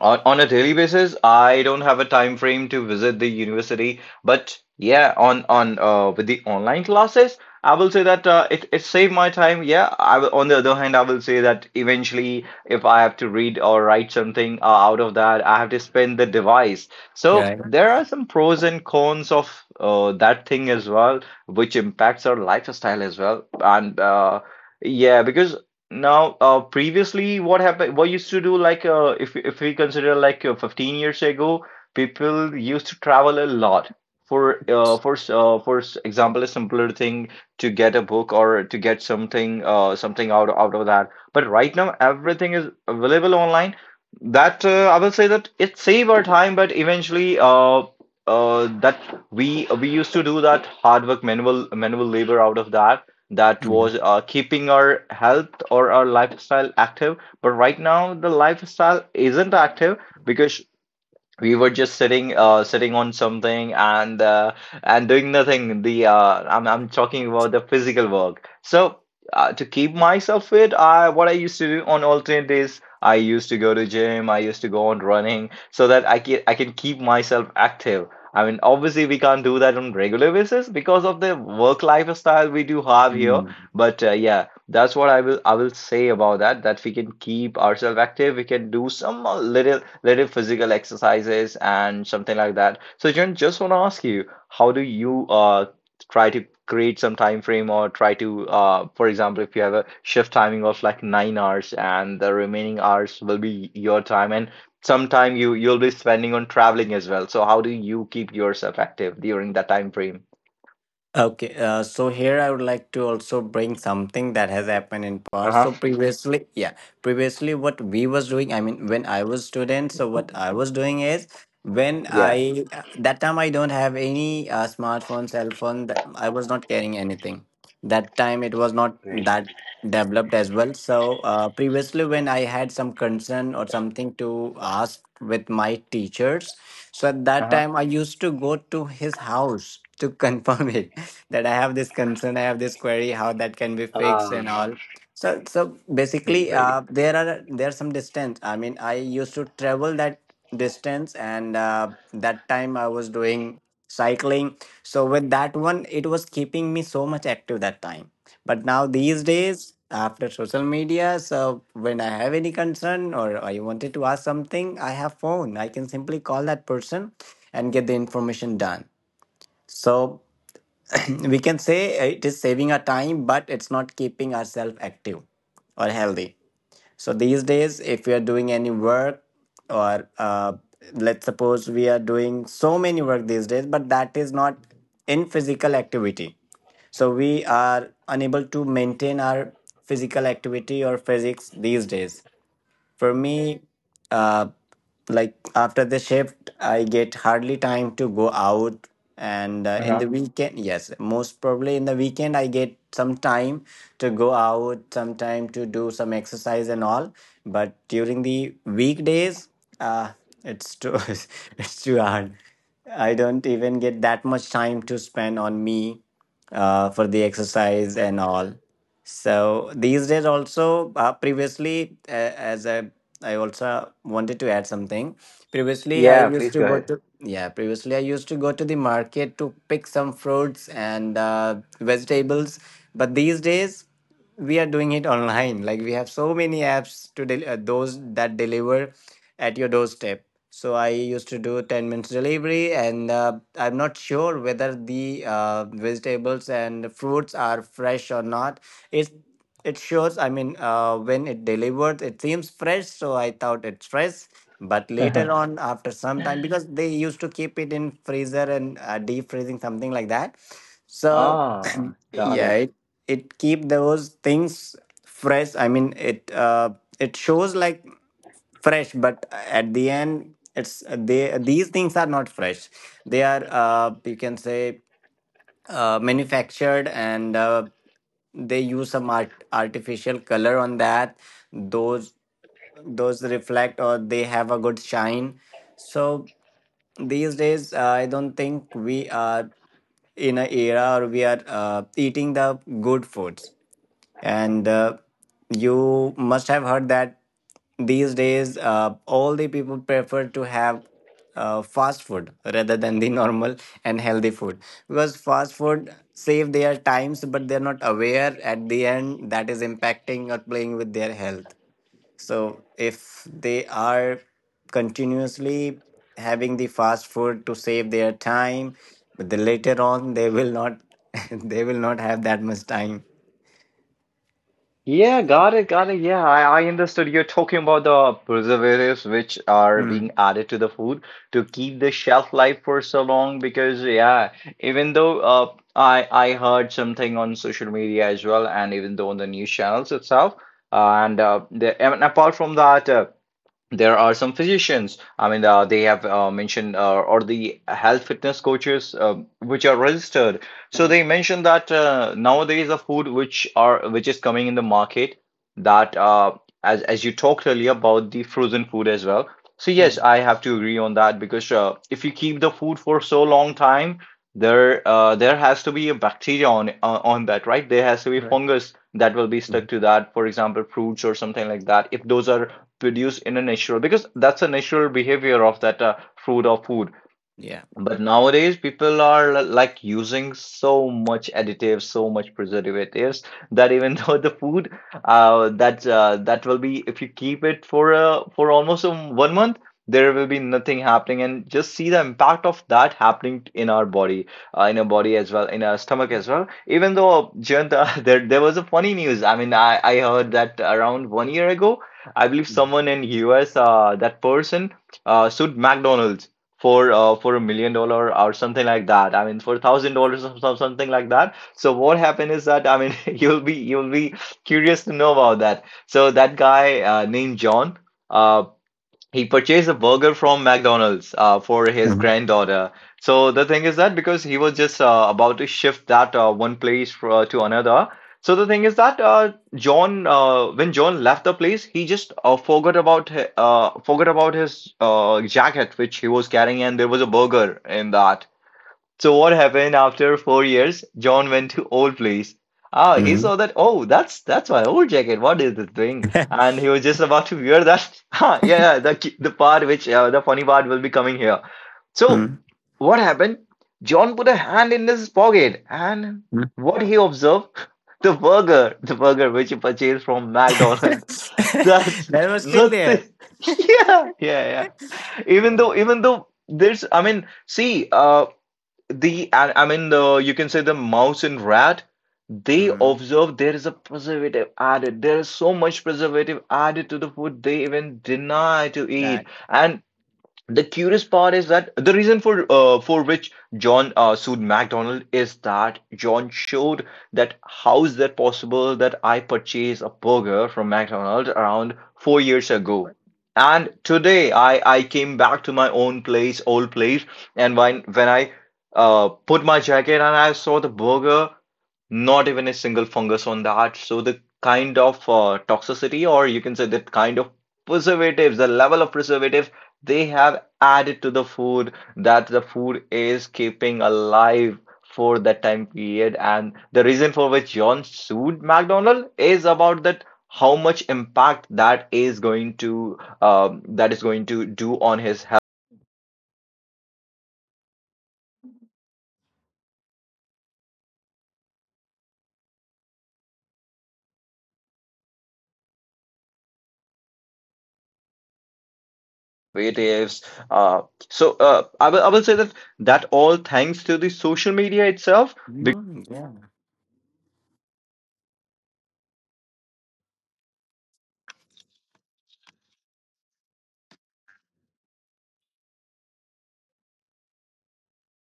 [SPEAKER 1] on a daily basis, I don't have a time frame to visit the university, but yeah, on with the online classes, I will say that it saved my time. Yeah, I will, on the other hand, I will say that eventually, if I have to read or write something out of that, I have to spend the device. So
[SPEAKER 2] Yeah.
[SPEAKER 1] there are some pros and cons of that thing as well, which impacts our lifestyle as well. And yeah, because now, previously, what happened? What used to do, like, if we consider like 15 years ago, people used to travel a lot. For example, a simpler thing to get a book or to get something out of that. But right now, everything is available online. That I will say that it save our time, but eventually, that we used to do that hard work, manual labor out of that. That
[SPEAKER 2] Mm.
[SPEAKER 1] was keeping our health or our lifestyle active. But right now, the lifestyle isn't active because we were just sitting on something and doing nothing. I'm talking about the physical work. So to keep myself fit, I what I used to do on alternate days, I used to go to gym, I used to go on running, so that I can keep myself active. I mean, obviously we can't do that on regular basis because of the work lifestyle we do have here.
[SPEAKER 2] Mm.
[SPEAKER 1] But yeah, that's what I will say about that, that we can keep ourselves active. We can do some little physical exercises and something like that. So John, just want to ask you, how do you try to create some time frame or try to for example, if you have a shift timing of like 9 hours and the remaining hours will be your time, and sometime you'll be spending on traveling as well. So how do you keep yourself active during that time frame?
[SPEAKER 2] Okay, so here I would like to also bring something that has happened in past.
[SPEAKER 1] Uh-huh.
[SPEAKER 2] So previously, yeah, previously what we was doing, I mean, when I was student, so what I was doing is when
[SPEAKER 1] Yeah.
[SPEAKER 2] I that time I don't have any smartphone, cell phone. That I was not carrying anything. That time it was not
[SPEAKER 1] Right.
[SPEAKER 2] that developed as well. So previously, when I had some concern or something to ask with my teachers, so at that
[SPEAKER 1] Uh-huh.
[SPEAKER 2] time I used to go to his house to confirm it that I have this concern, I have this query, how that can be fixed and all. So basically,
[SPEAKER 1] Great.
[SPEAKER 2] there are some distance. I mean, I used to travel that distance, and that time I was doing cycling. So with that one, it was keeping me so much active that time. But now these days, after social media, so when I have any concern or I wanted to ask something, I have phone. I can simply call that person and get the information done. So we can say it is saving our time, but it's not keeping ourselves active or healthy. So these days if we are doing any work, or let's suppose we are doing so many work these days, but that is not in physical activity, so we are unable to maintain our physical activity or physics. These days for me, uh, like after the shift, I get hardly time to go out. And
[SPEAKER 1] Uh
[SPEAKER 2] in
[SPEAKER 1] huh.
[SPEAKER 2] the weekend, yes, most probably in the weekend, I get some time to go out, some time to do some exercise and all. But during the weekdays, uh, it's too, it's too hard. I don't even get that much time to spend on me for the exercise and all. So these days also previously as I also wanted to add something. Previously I
[SPEAKER 1] Yeah,
[SPEAKER 2] used
[SPEAKER 1] please
[SPEAKER 2] to
[SPEAKER 1] go
[SPEAKER 2] go
[SPEAKER 1] ahead.
[SPEAKER 2] to, yeah, previously I used to go to the market to pick some fruits and vegetables, but these days we are doing it online. Like we have so many apps to del- those that deliver at your doorstep. So I used to do 10 minutes delivery, and I'm not sure whether the vegetables and fruits are fresh or not. It it shows, when it delivered, it seems fresh, so I thought it's fresh, but later on, after some time, because they used to keep it in freezer and deep freezing something like that. So
[SPEAKER 1] Ah, got it.
[SPEAKER 2] yeah, it keep those things fresh. It shows like fresh, but at the end, it's they, these things are not fresh. They are you can say manufactured, and they use some artificial color on that. Those those Reflect, or they have a good shine. So these days I don't think we are in an era, or we are eating the good foods. And you must have heard that these days, all the people prefer to have fast food rather than the normal and healthy food, because fast food save their times, but they're not aware at the end that is impacting or playing with their health. So if they are continuously having the fast food to save their time, but then later on, they will not they will not have that much time.
[SPEAKER 1] Yeah, got it, got it. Yeah, I understood. You're talking about the preservatives which are being
[SPEAKER 2] Mm.
[SPEAKER 1] added to the food to keep the shelf life for so long. Because yeah, even though I heard something on social media as well, and even though on the news channels itself, and the and apart from that there are some physicians, I mean, they have mentioned or the health fitness coaches which are registered, so, Mhm, they mentioned that nowadays the food which are which is coming in the market, that as you talked earlier about the frozen food as well. So yes, I have to agree on that, because if you keep the food for so long time, there there has to be a bacteria on that, right? There has to be
[SPEAKER 2] Right.
[SPEAKER 1] fungus that will be
[SPEAKER 2] Mhm.
[SPEAKER 1] stuck to that, for example, fruits or something like that, if those are produce in a natural, because that's a natural behavior of that fruit or food.
[SPEAKER 2] Yeah.
[SPEAKER 1] But nowadays, people are like using so much additives, so much preservatives that even though the food that will be, if you keep it for almost one month, there will be nothing happening. And just see the impact of that happening in our body as well, in our stomach as well. Even though Jayant, there was a funny news. I mean, I heard that around one year ago, I believe someone in US, that person sued McDonald's for a million dollar or something like that. I mean, for a thousand dollars or something like that. So what happened is that, I mean, you'll be curious to know about that. So that guy named John. Uh, he purchased a burger from McDonald's for his
[SPEAKER 2] Mhm.
[SPEAKER 1] granddaughter. So the thing is that because he was just about to shift that one place to another. So the thing is that John, when John left the place, he just forgot about his jacket which he was carrying, and there was a burger in that. So what happened after 4 years? John went to old place. Ah, he
[SPEAKER 2] Mhm.
[SPEAKER 1] saw that. Oh, that's my old jacket. What is this thing? And he was just about to wear that. Ah, yeah, yeah, the the part which the funny part will be coming here. So
[SPEAKER 2] Mhm.
[SPEAKER 1] what happened? John put a hand in his pocket, and
[SPEAKER 2] Mhm.
[SPEAKER 1] what he observed? The burger which he purchased from McDonald's. That's
[SPEAKER 2] that was still
[SPEAKER 1] nothing.
[SPEAKER 2] there.
[SPEAKER 1] Yeah, yeah, yeah.
[SPEAKER 2] Yeah.
[SPEAKER 1] Even though there's, I mean, see, the I mean the you can say the mouse and rat, they
[SPEAKER 2] Mm.
[SPEAKER 1] observe there is a preservative added, there is so much preservative added to the food, they even deny to eat.
[SPEAKER 2] That.
[SPEAKER 1] And the curious part is that the reason for which John sued McDonald is that John showed that how is that possible that I purchased a burger from McDonald's around 4 years ago, and today I came back to my own place, old place, and when I put my jacket and I saw the burger not even a single fungus on that. So the kind of toxicity, or you can say that kind of preservatives, the level of preservative they have added to the food, that the food is keeping alive for that time period. And the reason for which John sued McDonald is about that how much impact that is going to that is going to do on his health. Creatives. Uh, I will say that that all thanks to the social media itself,
[SPEAKER 2] Mm, yeah.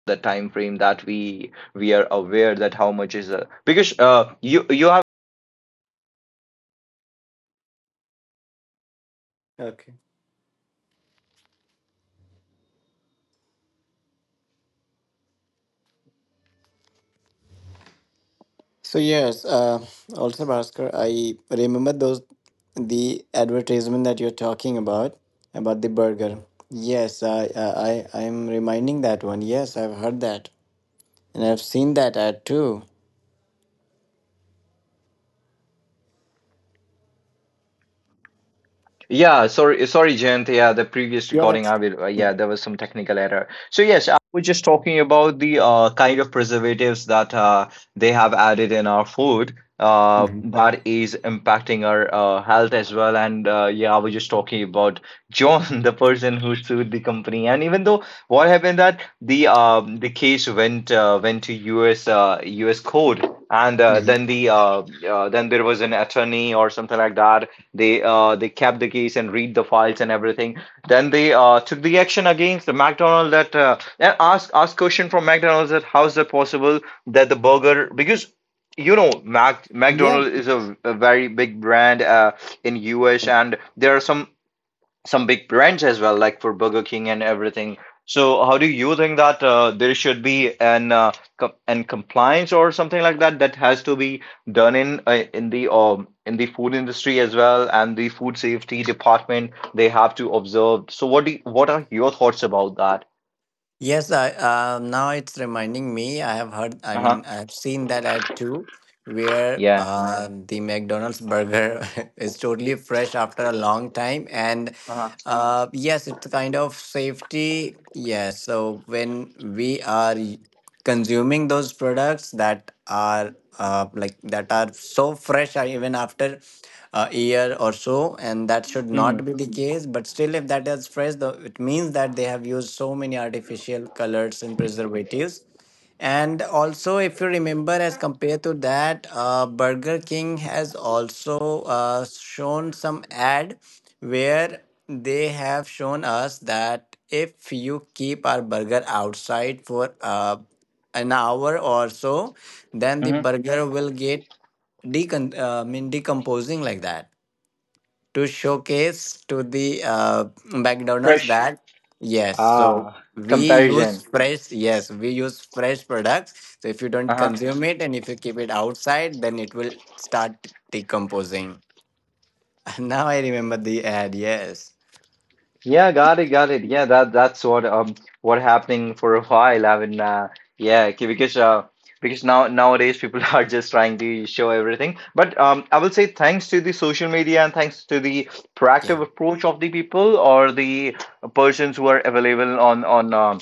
[SPEAKER 1] the time frame that we are aware that how much is because you you have.
[SPEAKER 2] Okay. So yes, also Bhaskar, I remember those the advertisement that you're talking about the burger. Yes, I am reminding that one. Yes, I've heard that and I've seen that ad too.
[SPEAKER 1] Yeah, sorry, sorry, Jayant. Yeah, the previous
[SPEAKER 2] Yeah,
[SPEAKER 1] recording,
[SPEAKER 2] that's.
[SPEAKER 1] I will. Yeah, there was some technical error. So yes, I was just talking about the kind of preservatives that they have added in our food
[SPEAKER 2] Mm-hmm.
[SPEAKER 1] that is impacting our health as well. And yeah, I was just talking about John, the person who sued the company. And even though what happened that the case went to U.S. U.S. court, and
[SPEAKER 2] Mm-hmm.
[SPEAKER 1] then then there was an attorney or something like that they kept the case and read the files and everything. Then they took the action against the McDonald's that and ask question from McDonald's that how is that possible that the burger, because you know, McDonald's is a very big brand in US, and there are some big brands as well, like for Burger King and everything. So, how do you think that there should be an compliance or something like that that has to be done in the food industry as well, and the food safety department they have to observe. So, what are your thoughts about that?
[SPEAKER 2] Yes, I now it's reminding me. I have heard. I mean,
[SPEAKER 1] Uh-huh.
[SPEAKER 2] I have seen that ad too, where
[SPEAKER 1] Yeah.
[SPEAKER 2] the McDonald's burger is totally fresh after a long time, and
[SPEAKER 1] Uh-huh.
[SPEAKER 2] yes, it's a kind of safety. Yes, so when we are consuming those products that are like that are so fresh, even after a year or so, and that should
[SPEAKER 1] Mm-hmm.
[SPEAKER 2] not be the case. But still, if that is fresh, though, it means that they have used so many artificial colors and preservatives. And also, if you remember, as compared to that, Burger King has also shown some ad where they have shown us that if you keep our burger outside for an hour or so, then the
[SPEAKER 1] Mm-hmm.
[SPEAKER 2] burger will get decon- mean decomposing, like that, to showcase to the McDonald's
[SPEAKER 1] Fresh.
[SPEAKER 2] that yes, so
[SPEAKER 1] Ah.
[SPEAKER 2] we
[SPEAKER 1] Comparison.
[SPEAKER 2] use fresh, yes, we use fresh products. So if you don't consume it and if you keep it outside, then it will start decomposing. Now I remember the ad. Yes.
[SPEAKER 1] Yeah, got it, got it. Yeah, that's what what happening for a while. I mean, yeah, because nowadays people are just trying to show everything. But I will say thanks to the social media and thanks to the
[SPEAKER 2] Yeah.
[SPEAKER 1] proactive approach of the people or the persons who are available on on um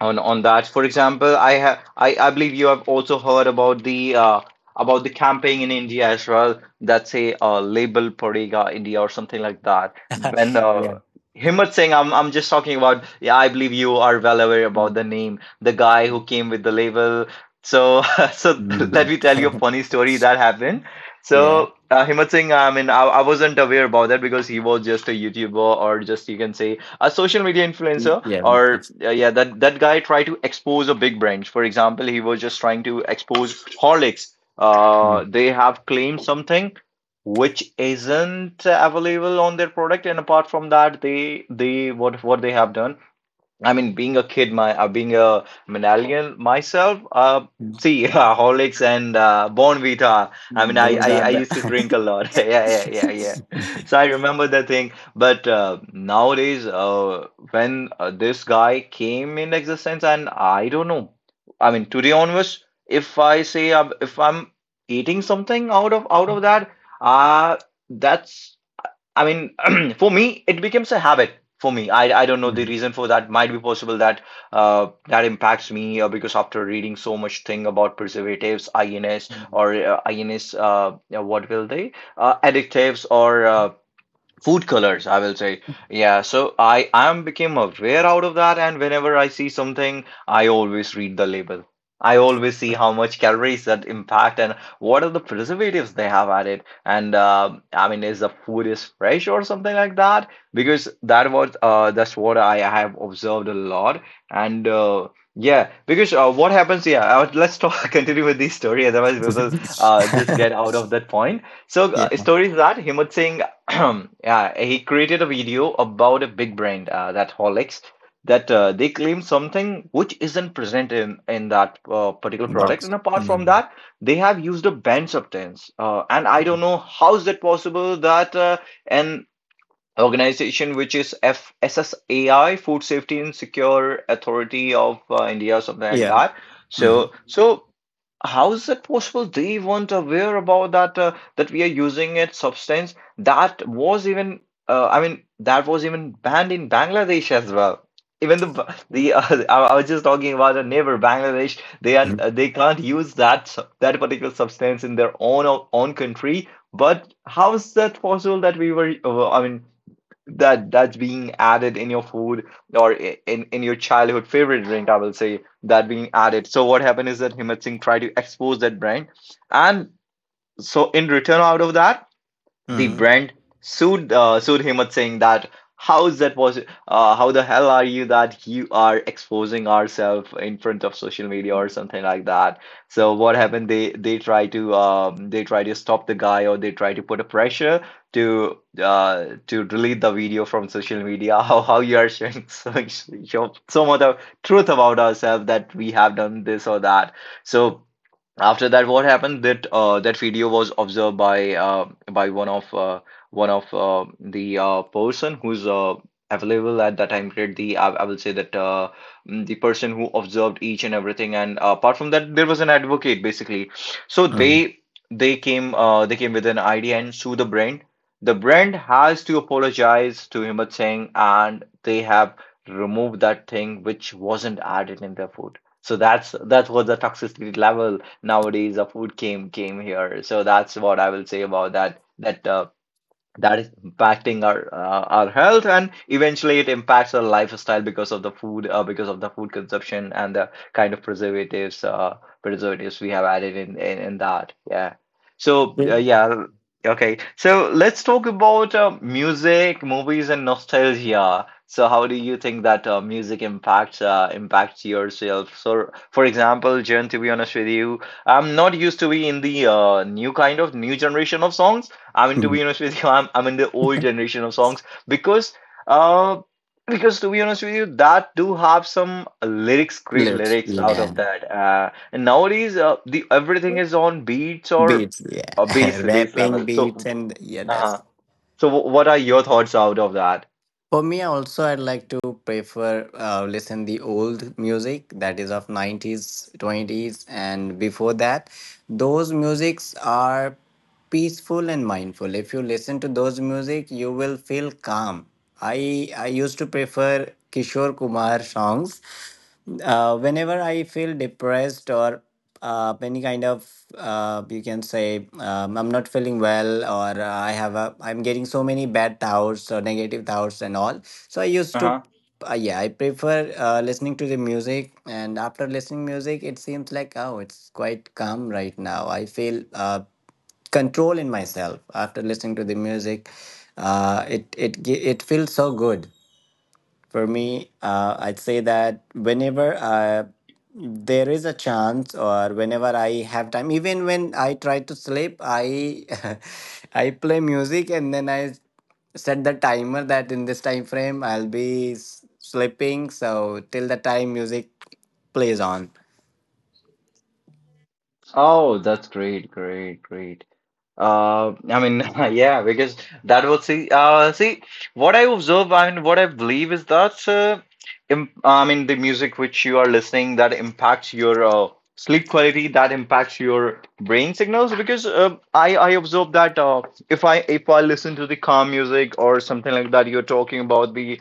[SPEAKER 1] on on that. For example, I believe you have also heard about the campaign in India as well that say label Parega India or something like that. When
[SPEAKER 2] Yeah.
[SPEAKER 1] Himmat Singh, I'm just talking about. Yeah, I believe you are well aware about
[SPEAKER 2] Mm.
[SPEAKER 1] the name, the guy who came with the label. So so let
[SPEAKER 2] Mhm.
[SPEAKER 1] me tell you a funny story that happened.
[SPEAKER 2] Yeah.
[SPEAKER 1] So Himmat Singh, I mean, I wasn't aware about that because he was just a YouTuber, or just you can say a social media influencer,
[SPEAKER 2] Yeah.
[SPEAKER 1] or
[SPEAKER 2] Plus.
[SPEAKER 1] yeah, that guy tried to expose a big brand. For example, he was just trying to expose Horlicks.
[SPEAKER 2] Mm.
[SPEAKER 1] They have claimed something which isn't available on their product. And apart from that, they what they have done, I mean, being a kid, my being a millennial myself, see, Horlicks and Bonvita. I mean, I,
[SPEAKER 2] Those
[SPEAKER 1] I
[SPEAKER 2] are
[SPEAKER 1] I used to drink
[SPEAKER 2] the.
[SPEAKER 1] a lot. Yeah, yeah, yeah, yeah. So I remember the thing. But nowadays, when this guy came in existence, and I don't know. I mean, to be honest, if I'm eating something out of that, uh that's, I mean, for me, it becomes a habit. For me, I don't know the
[SPEAKER 2] Mm.
[SPEAKER 1] reason for that. Might be possible that that impacts me, because after reading so much thing about preservatives, INS, or INS, what will they, additives, or food colors, I will say. Yeah, so I am became aware out of that, and whenever I see something, I always read the label. I always see how much calories that impact and what are the preservatives they have added. And I mean, is the food is fresh or something like that? Because that's what I have observed a lot. And yeah, because what happens? Yeah, let's talk. Continue with this story, otherwise we will just get out of that point. So,
[SPEAKER 2] Yeah,
[SPEAKER 1] story is that Himmat Singh yeah, he created a video about a big brand, that Horlicks, that they claim something which isn't present in that particular product.
[SPEAKER 2] dogs.
[SPEAKER 1] And apart from
[SPEAKER 2] Mm.
[SPEAKER 1] that, they have used a banned substance. And I don't know how is that possible that an organization which is FSSAI, Food Safety and Secure Authority of India, something like
[SPEAKER 2] Yeah.
[SPEAKER 1] that.
[SPEAKER 2] Mm-hmm.
[SPEAKER 1] So. How is it possible? They weren't aware about that, that we are using it substance that was even I mean that was even banned in Bangladesh as well. Even the b- the I was just talking about a neighbor Bangladesh. They are they can't use that particular substance in their own country. But how is that possible that we were? I mean, that's being added in your food, or in your childhood favorite drink, I will say, that being added. So what happened is that Himmat Singh tried to expose that brand, and so in return out of that, the
[SPEAKER 2] Mm-hmm.
[SPEAKER 1] brand sued, sued Himmat, saying that how is that was how the hell are you that you are exposing ourselves in front of social media or something like that? So what happened? They try to stop the guy, or they try to put a pressure to to delete the video from social media. How you are sharing so much of truth about ourselves that we have done this or that. So. After that, what happened? That video was observed by one of the person who's available at that time period. I will say that the person who observed each and everything, and apart from that, there was an advocate basically. So they came with an idea and sue the brand. The brand has to apologize to Himat Singh, and they have removed that thing which wasn't added in their food. So that was the toxicity level nowadays the food came here. So that's what I will say about that, that is impacting our health, and eventually it impacts our lifestyle because of the food because of the food consumption, and the kind of preservatives we have added in that, yeah. So yeah, okay, so let's talk about music, movies, and nostalgia. So how do you think that music impacts impacts yourself? So, for example, Jen, to be honest with you, I'm not used to be in the new generation of songs. I mean, to
[SPEAKER 2] Mm-hmm.
[SPEAKER 1] be honest with you, I'm in the old generation of songs, because uh because, to be honest with you, that do have some lyrics, great
[SPEAKER 2] Lips.
[SPEAKER 1] lyrics out
[SPEAKER 2] Yeah.
[SPEAKER 1] of that. And nowadays, the everything is on beats or
[SPEAKER 2] Beats.
[SPEAKER 1] bass
[SPEAKER 2] Yeah.
[SPEAKER 1] bass
[SPEAKER 2] Rapping
[SPEAKER 1] level.
[SPEAKER 2] beats
[SPEAKER 1] So,
[SPEAKER 2] and yeah,
[SPEAKER 1] uh,
[SPEAKER 2] that's.
[SPEAKER 1] what are your thoughts out of that?
[SPEAKER 2] For me also, I'd like to prefer listen the old music that is of 90s, 20s, and before that. Those musics are peaceful and mindful. If you listen to those music, you will feel calm. I used to prefer Kishore Kumar songs, whenever I feel depressed or any kind of, you can say, I'm not feeling well, or I have a I'm getting so many bad thoughts or negative thoughts and all. So I used to, yeah, I prefer listening to the music, and after listening music it seems like, oh, it's quite calm right now. I feel control in myself after listening to the music. It feels so good. For me, I'd say that whenever there is a chance, or whenever I have time, even when I try to sleep, I I play music, and then I set the timer that in this time frame I'll be sleeping. So till the time music plays on.
[SPEAKER 1] Oh, that's great, great, great. I mean, yeah, because see, what I observe, I mean, what I believe is that, the music which you are listening that impacts your sleep quality, that impacts your brain signals. Because I observe that if I listen to the calm music or something like that, you're talking about the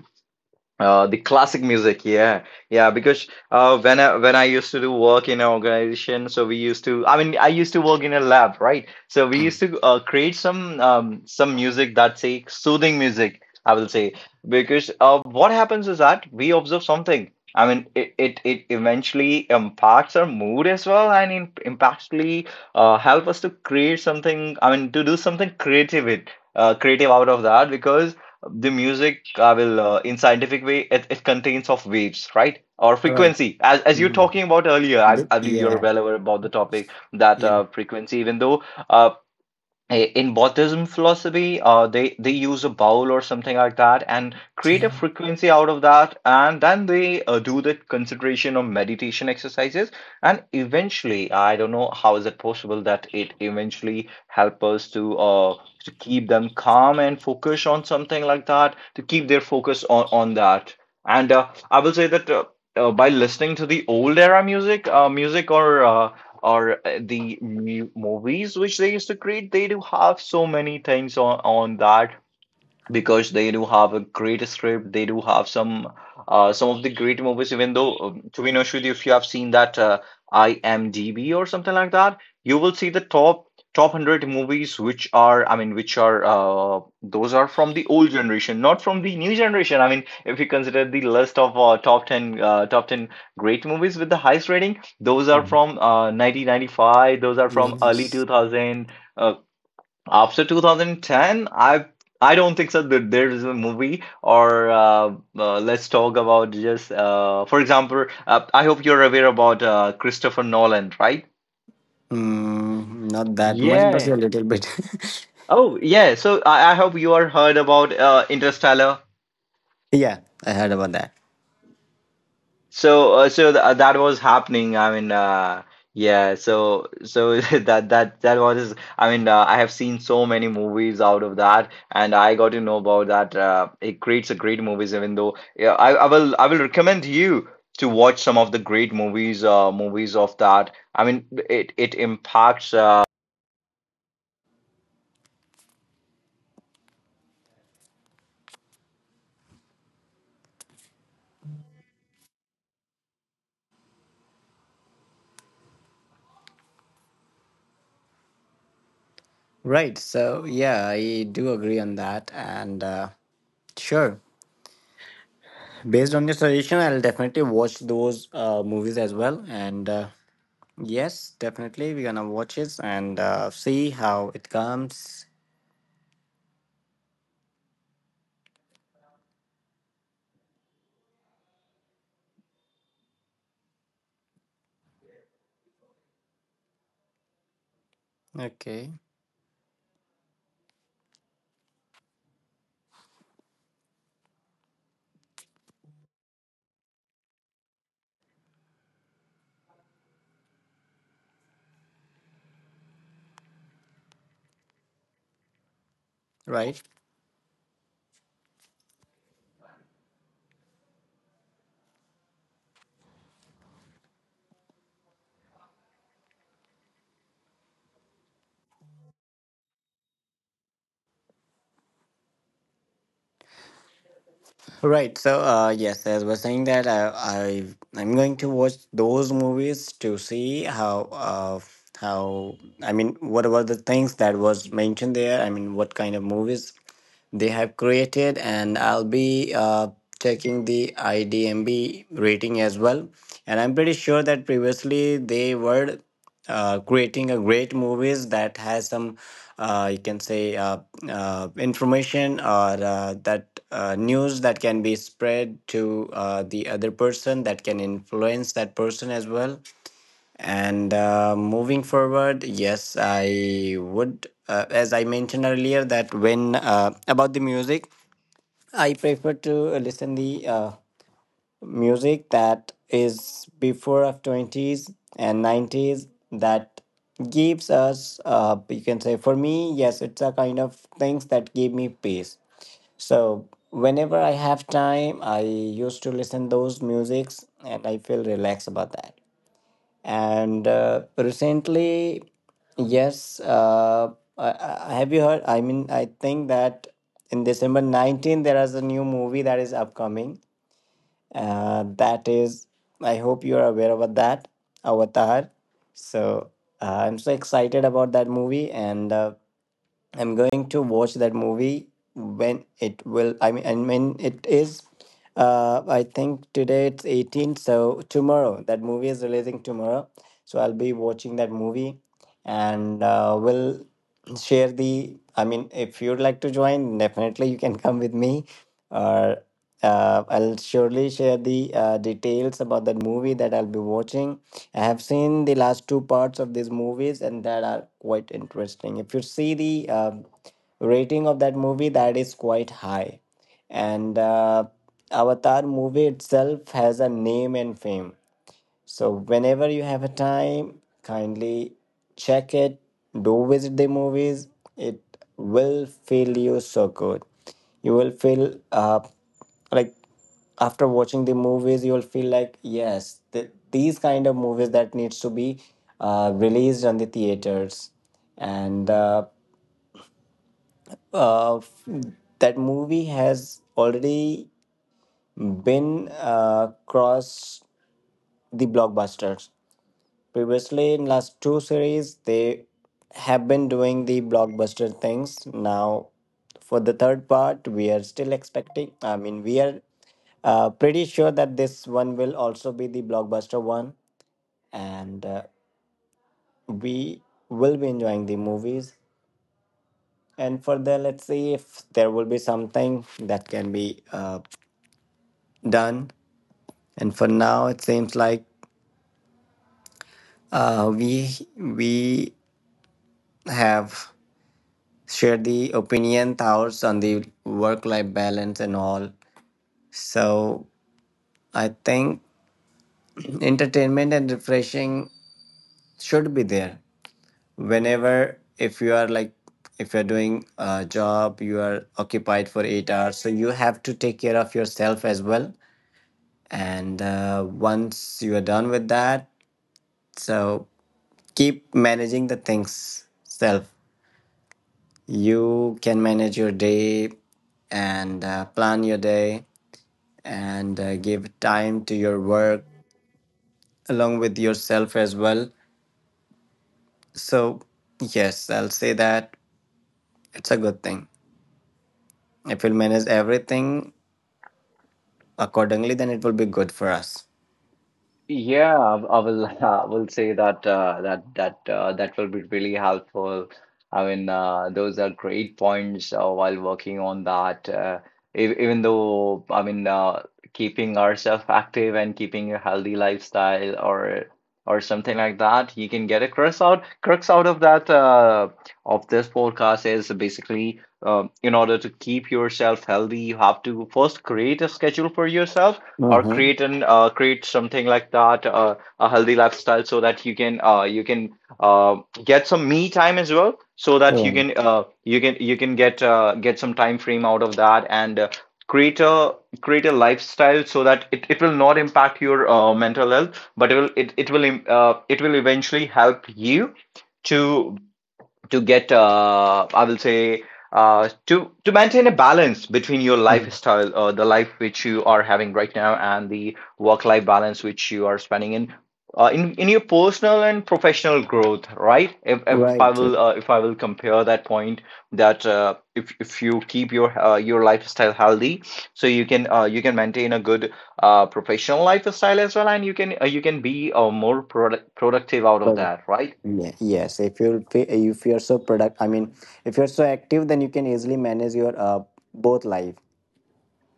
[SPEAKER 1] uh, the classic music, yeah, yeah. Because when I used to do work in an organization, so we used to. I mean, I used to work in a lab, right? So we
[SPEAKER 2] Mm.
[SPEAKER 1] used to create some music, that's a soothing music, I will say. Because what happens is that we observe something. I mean, it eventually impacts our mood as well, and impactly help us to create something. I mean, to do something creative, it creative out of that, because the music, I will in scientific way, it contains of waves, right, or
[SPEAKER 2] Right.
[SPEAKER 1] frequency, as you're
[SPEAKER 2] Mm.
[SPEAKER 1] talking about earlier. I, I believe you're
[SPEAKER 2] Yeah.
[SPEAKER 1] well aware about the topic that
[SPEAKER 2] Yeah.
[SPEAKER 1] frequency, even though uh, in Buddhism philosophy, they use a bowl or something like that and create a
[SPEAKER 2] Yeah.
[SPEAKER 1] frequency out of that, and then they do the concentration or meditation exercises, and eventually, I don't know how is it possible that it eventually help us to keep them calm and focus on something like that, to keep their focus on that, and I will say that. By listening to the old era music, music or the mu movies which they used to create, they do have so many things on that because they do have a great script. They do have some of the great movies. Even though, to be honest with you, if you have seen that IMDb or something like that, you will see the top 100 movies, which are, I mean, which are those are from the old generation, not from the new generation. I mean, if you consider the list of top ten great movies with the highest rating, those are
[SPEAKER 2] Mm.
[SPEAKER 1] from 1995. Those are from early
[SPEAKER 2] Yes.
[SPEAKER 1] 2000. Uh, After 2010, I don't think so that there is a movie or let's talk about just for example, I hope you're aware about Christopher Nolan, right?
[SPEAKER 2] Mm, not that much, but a
[SPEAKER 1] Yeah.
[SPEAKER 2] little bit.
[SPEAKER 1] Oh, yeah. So I hope you are heard about Interstellar.
[SPEAKER 2] Yeah, I heard about that.
[SPEAKER 1] That was happening. I mean, yeah. So that was. I mean, I have seen so many movies out of that, and I got to know about that. It creates a great movies, even though yeah, I will recommend you to watch some of the great movies. Movies of that. I mean, it impacts.
[SPEAKER 2] Right. So yeah, I do agree on that. And sure, based on your suggestion, I'll definitely watch those movies as well. And yes, definitely, we're gonna watch it and see how it comes. Okay. Right. Right. So, yes, as we're saying that I'm going to watch those movies to see how, I mean, what about the things that was mentioned there? I mean, what kind of movies they have created, and I'll be checking the IDMB rating as well. And I'm pretty sure that previously they were creating a great movies that has some, you can say, information, or that news that can be spread to the other person that can influence that person as well. And moving forward, yes, I would, as I mentioned earlier, that when about the music, I prefer to listen the music that is before of 20s and 90s, that gives us, you can say, for me, yes, it's a kind of things that give me peace. So whenever I have time, I used to listen those musics and I feel relaxed about that. And recently, yes, have you heard, I mean, I think that in December 19th there is a new movie that is upcoming, that is, I hope you are aware about that, Avatar. So I'm so excited about that movie, and I'm going to watch that movie when it will. I mean it is. I think today it's the 18th, so tomorrow, that movie is releasing tomorrow. So I'll be watching that movie, and we'll share the, I mean, if you'd like to join, definitely you can come with me, or I'll surely share the details about that movie that I'll be watching. I have seen the last two parts of these movies, and that are quite interesting. If you see the rating of that movie, that is quite high. And Avatar movie itself has a name and fame. So whenever you have a time, kindly check it. Do visit the movies. It will feel you so good. You will feel, like, after watching the movies, you will feel like, yes, these kind of movies that needs to be released on the theaters. And uh, f- that movie has already been crossed the blockbusters. Previously, in last two series, they have been doing the blockbuster things. Now, for the third part, we are still expecting. I mean, we are pretty sure that this one will also be the blockbuster one, and we will be enjoying the movies. And further, let's see if there will be something that can be done. And for now, it seems like uh, we we have share the opinion thoughts on the work life balance and all. So I think entertainment and refreshing should be there. Whenever, if you are, like, if you're doing a job, you are occupied for 8 hours, so you have to take care of yourself as well. And once you are done with that, so keep managing the things self, you can manage your day, and plan your day, and give time to your work along with yourself as well. So yes, I'll say that it's a good thing. If we'll manage everything accordingly, then it will be good for us.
[SPEAKER 1] Yeah, I will I will say that that will be really helpful. I mean, those are great points while working on that. Ev Even though, I mean, keeping ourselves active and keeping a healthy lifestyle or something like that, you can get a crux out of that, of this podcast is basically, in order to keep yourself healthy, you have to first create a schedule for yourself or
[SPEAKER 2] Mm-hmm.
[SPEAKER 1] create something like that, a healthy lifestyle so that you can uh, get some me time as well, so that you
[SPEAKER 2] Yeah.
[SPEAKER 1] can uh, you can you can get some time frame out of that, and create a create a lifestyle so that it will not impact your mental health, but it will it, it will im- it will eventually help you to to get, I will say, to maintain a balance between your
[SPEAKER 2] Mhm.
[SPEAKER 1] lifestyle, the life which you are having right now, and the work life balance which you are spending in your personal and professional growth, right? if if i
[SPEAKER 2] Right.
[SPEAKER 1] will uh, if i will compare that point, that, if you keep your lifestyle healthy, so you can maintain a good, professional lifestyle as well, and you can be, more productive out of
[SPEAKER 2] Product.
[SPEAKER 1] that, right?
[SPEAKER 2] Yeah. Yes. If you're so product, I mean, if you're so active, then you can easily manage your both life.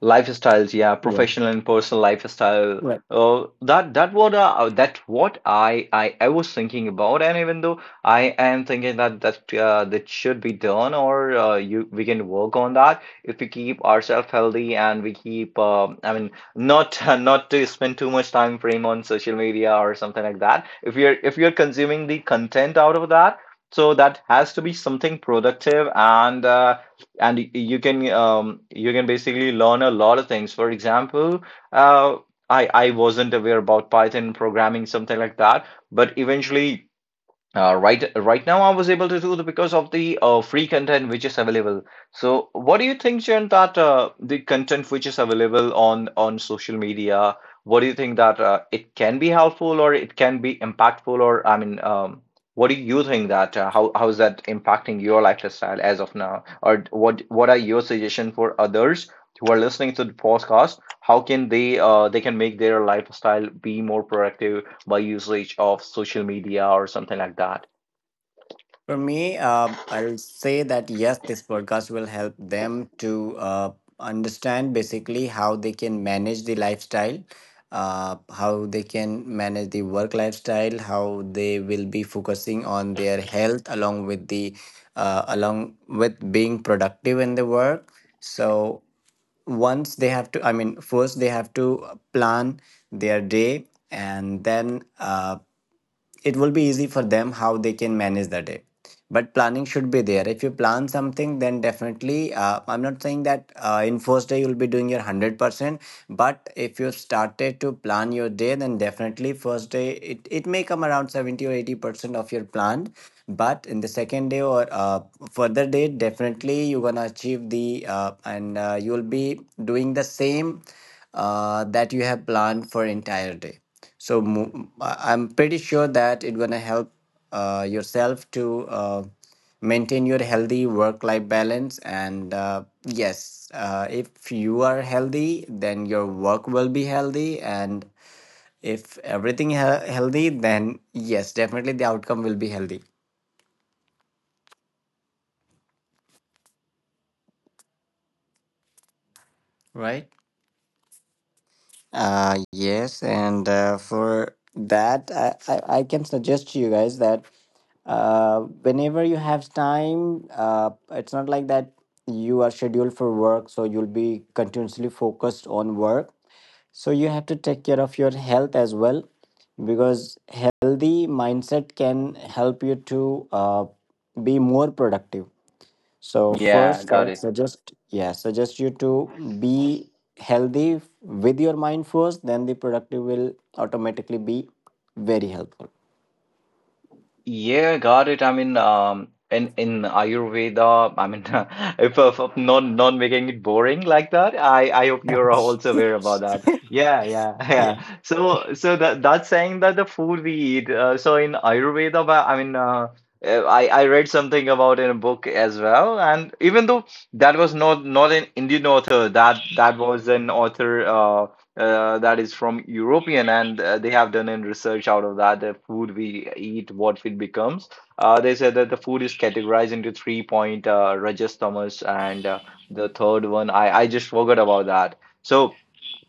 [SPEAKER 1] Lifestyles, yeah,
[SPEAKER 2] Yeah.
[SPEAKER 1] professional and personal lifestyle.
[SPEAKER 2] Right.
[SPEAKER 1] That what, that what I was thinking about, and even though I am thinking that that should be done, or you we can work on that if we keep ourselves healthy, and we keep, I mean, not not to spend too much time frame on social media or something like that. If you're consuming the content out of that, so that has to be something productive, and you can basically learn a lot of things. For example, uh, I wasn't aware about Python programming, something like that, but eventually. Right, right now I was able to do that because of the free content which is available. So, what do you think, Jen, that the content which is available on social media, what do you think that it can be helpful or it can be impactful, or I mean, what do you think that, how is that impacting your lifestyle as of now, or what are your suggestion for others who are listening to the podcast? How can they can make their lifestyle be more productive by usage of social media or something like that.
[SPEAKER 2] For me, I'll say that yes, this podcast will help them to understand basically how they can manage the lifestyle, how they can manage the work lifestyle, how they will be focusing on their health along with the, along with being productive in the work. So once they have to, I mean, first they have to plan their day and then. It will be easy for them how they can manage the day. But planning should be there. If you plan something, then definitely, I'm not saying that in first day you'll be doing your 100%, but if you started to plan your day, then definitely first day, it may come around 70 or 80% of your plan, but in the second day or further day, definitely you're gonna achieve the, and you'll be doing the same, that you have planned for entire day. I am pretty sure that it's gonna help yourself to maintain your healthy work-life balance. And yes, if you are healthy, then your work will be healthy. And if everything healthy, then yes, definitely the outcome will be healthy, right? Yes, and for that, I can suggest to you guys that whenever you have time, it's not like that you are scheduled for work, so you'll be continuously focused on work. So you have to take care of your health as well, because healthy mindset can help you to be more productive. So
[SPEAKER 1] Yeah,
[SPEAKER 2] first, I would.
[SPEAKER 1] got
[SPEAKER 2] Yeah.
[SPEAKER 1] it.
[SPEAKER 2] Suggest you to be healthy with your mind first. Then the productive will automatically be very helpful.
[SPEAKER 1] Yeah, got it. I mean, in Ayurveda, I mean, if not making it boring like that, I hope you're also aware about that. Yeah, yeah,
[SPEAKER 2] Yeah.
[SPEAKER 1] yeah. So that's saying that the food we eat. In Ayurveda, but I mean, I read something about in a book as well, and even though that was not an Indian author, that was an author. That is from European, and they have done in research out of that, the food we eat, what it becomes. They said that the food is categorized into three point, Rajas, Tamas, and the third one I just forgot about that. So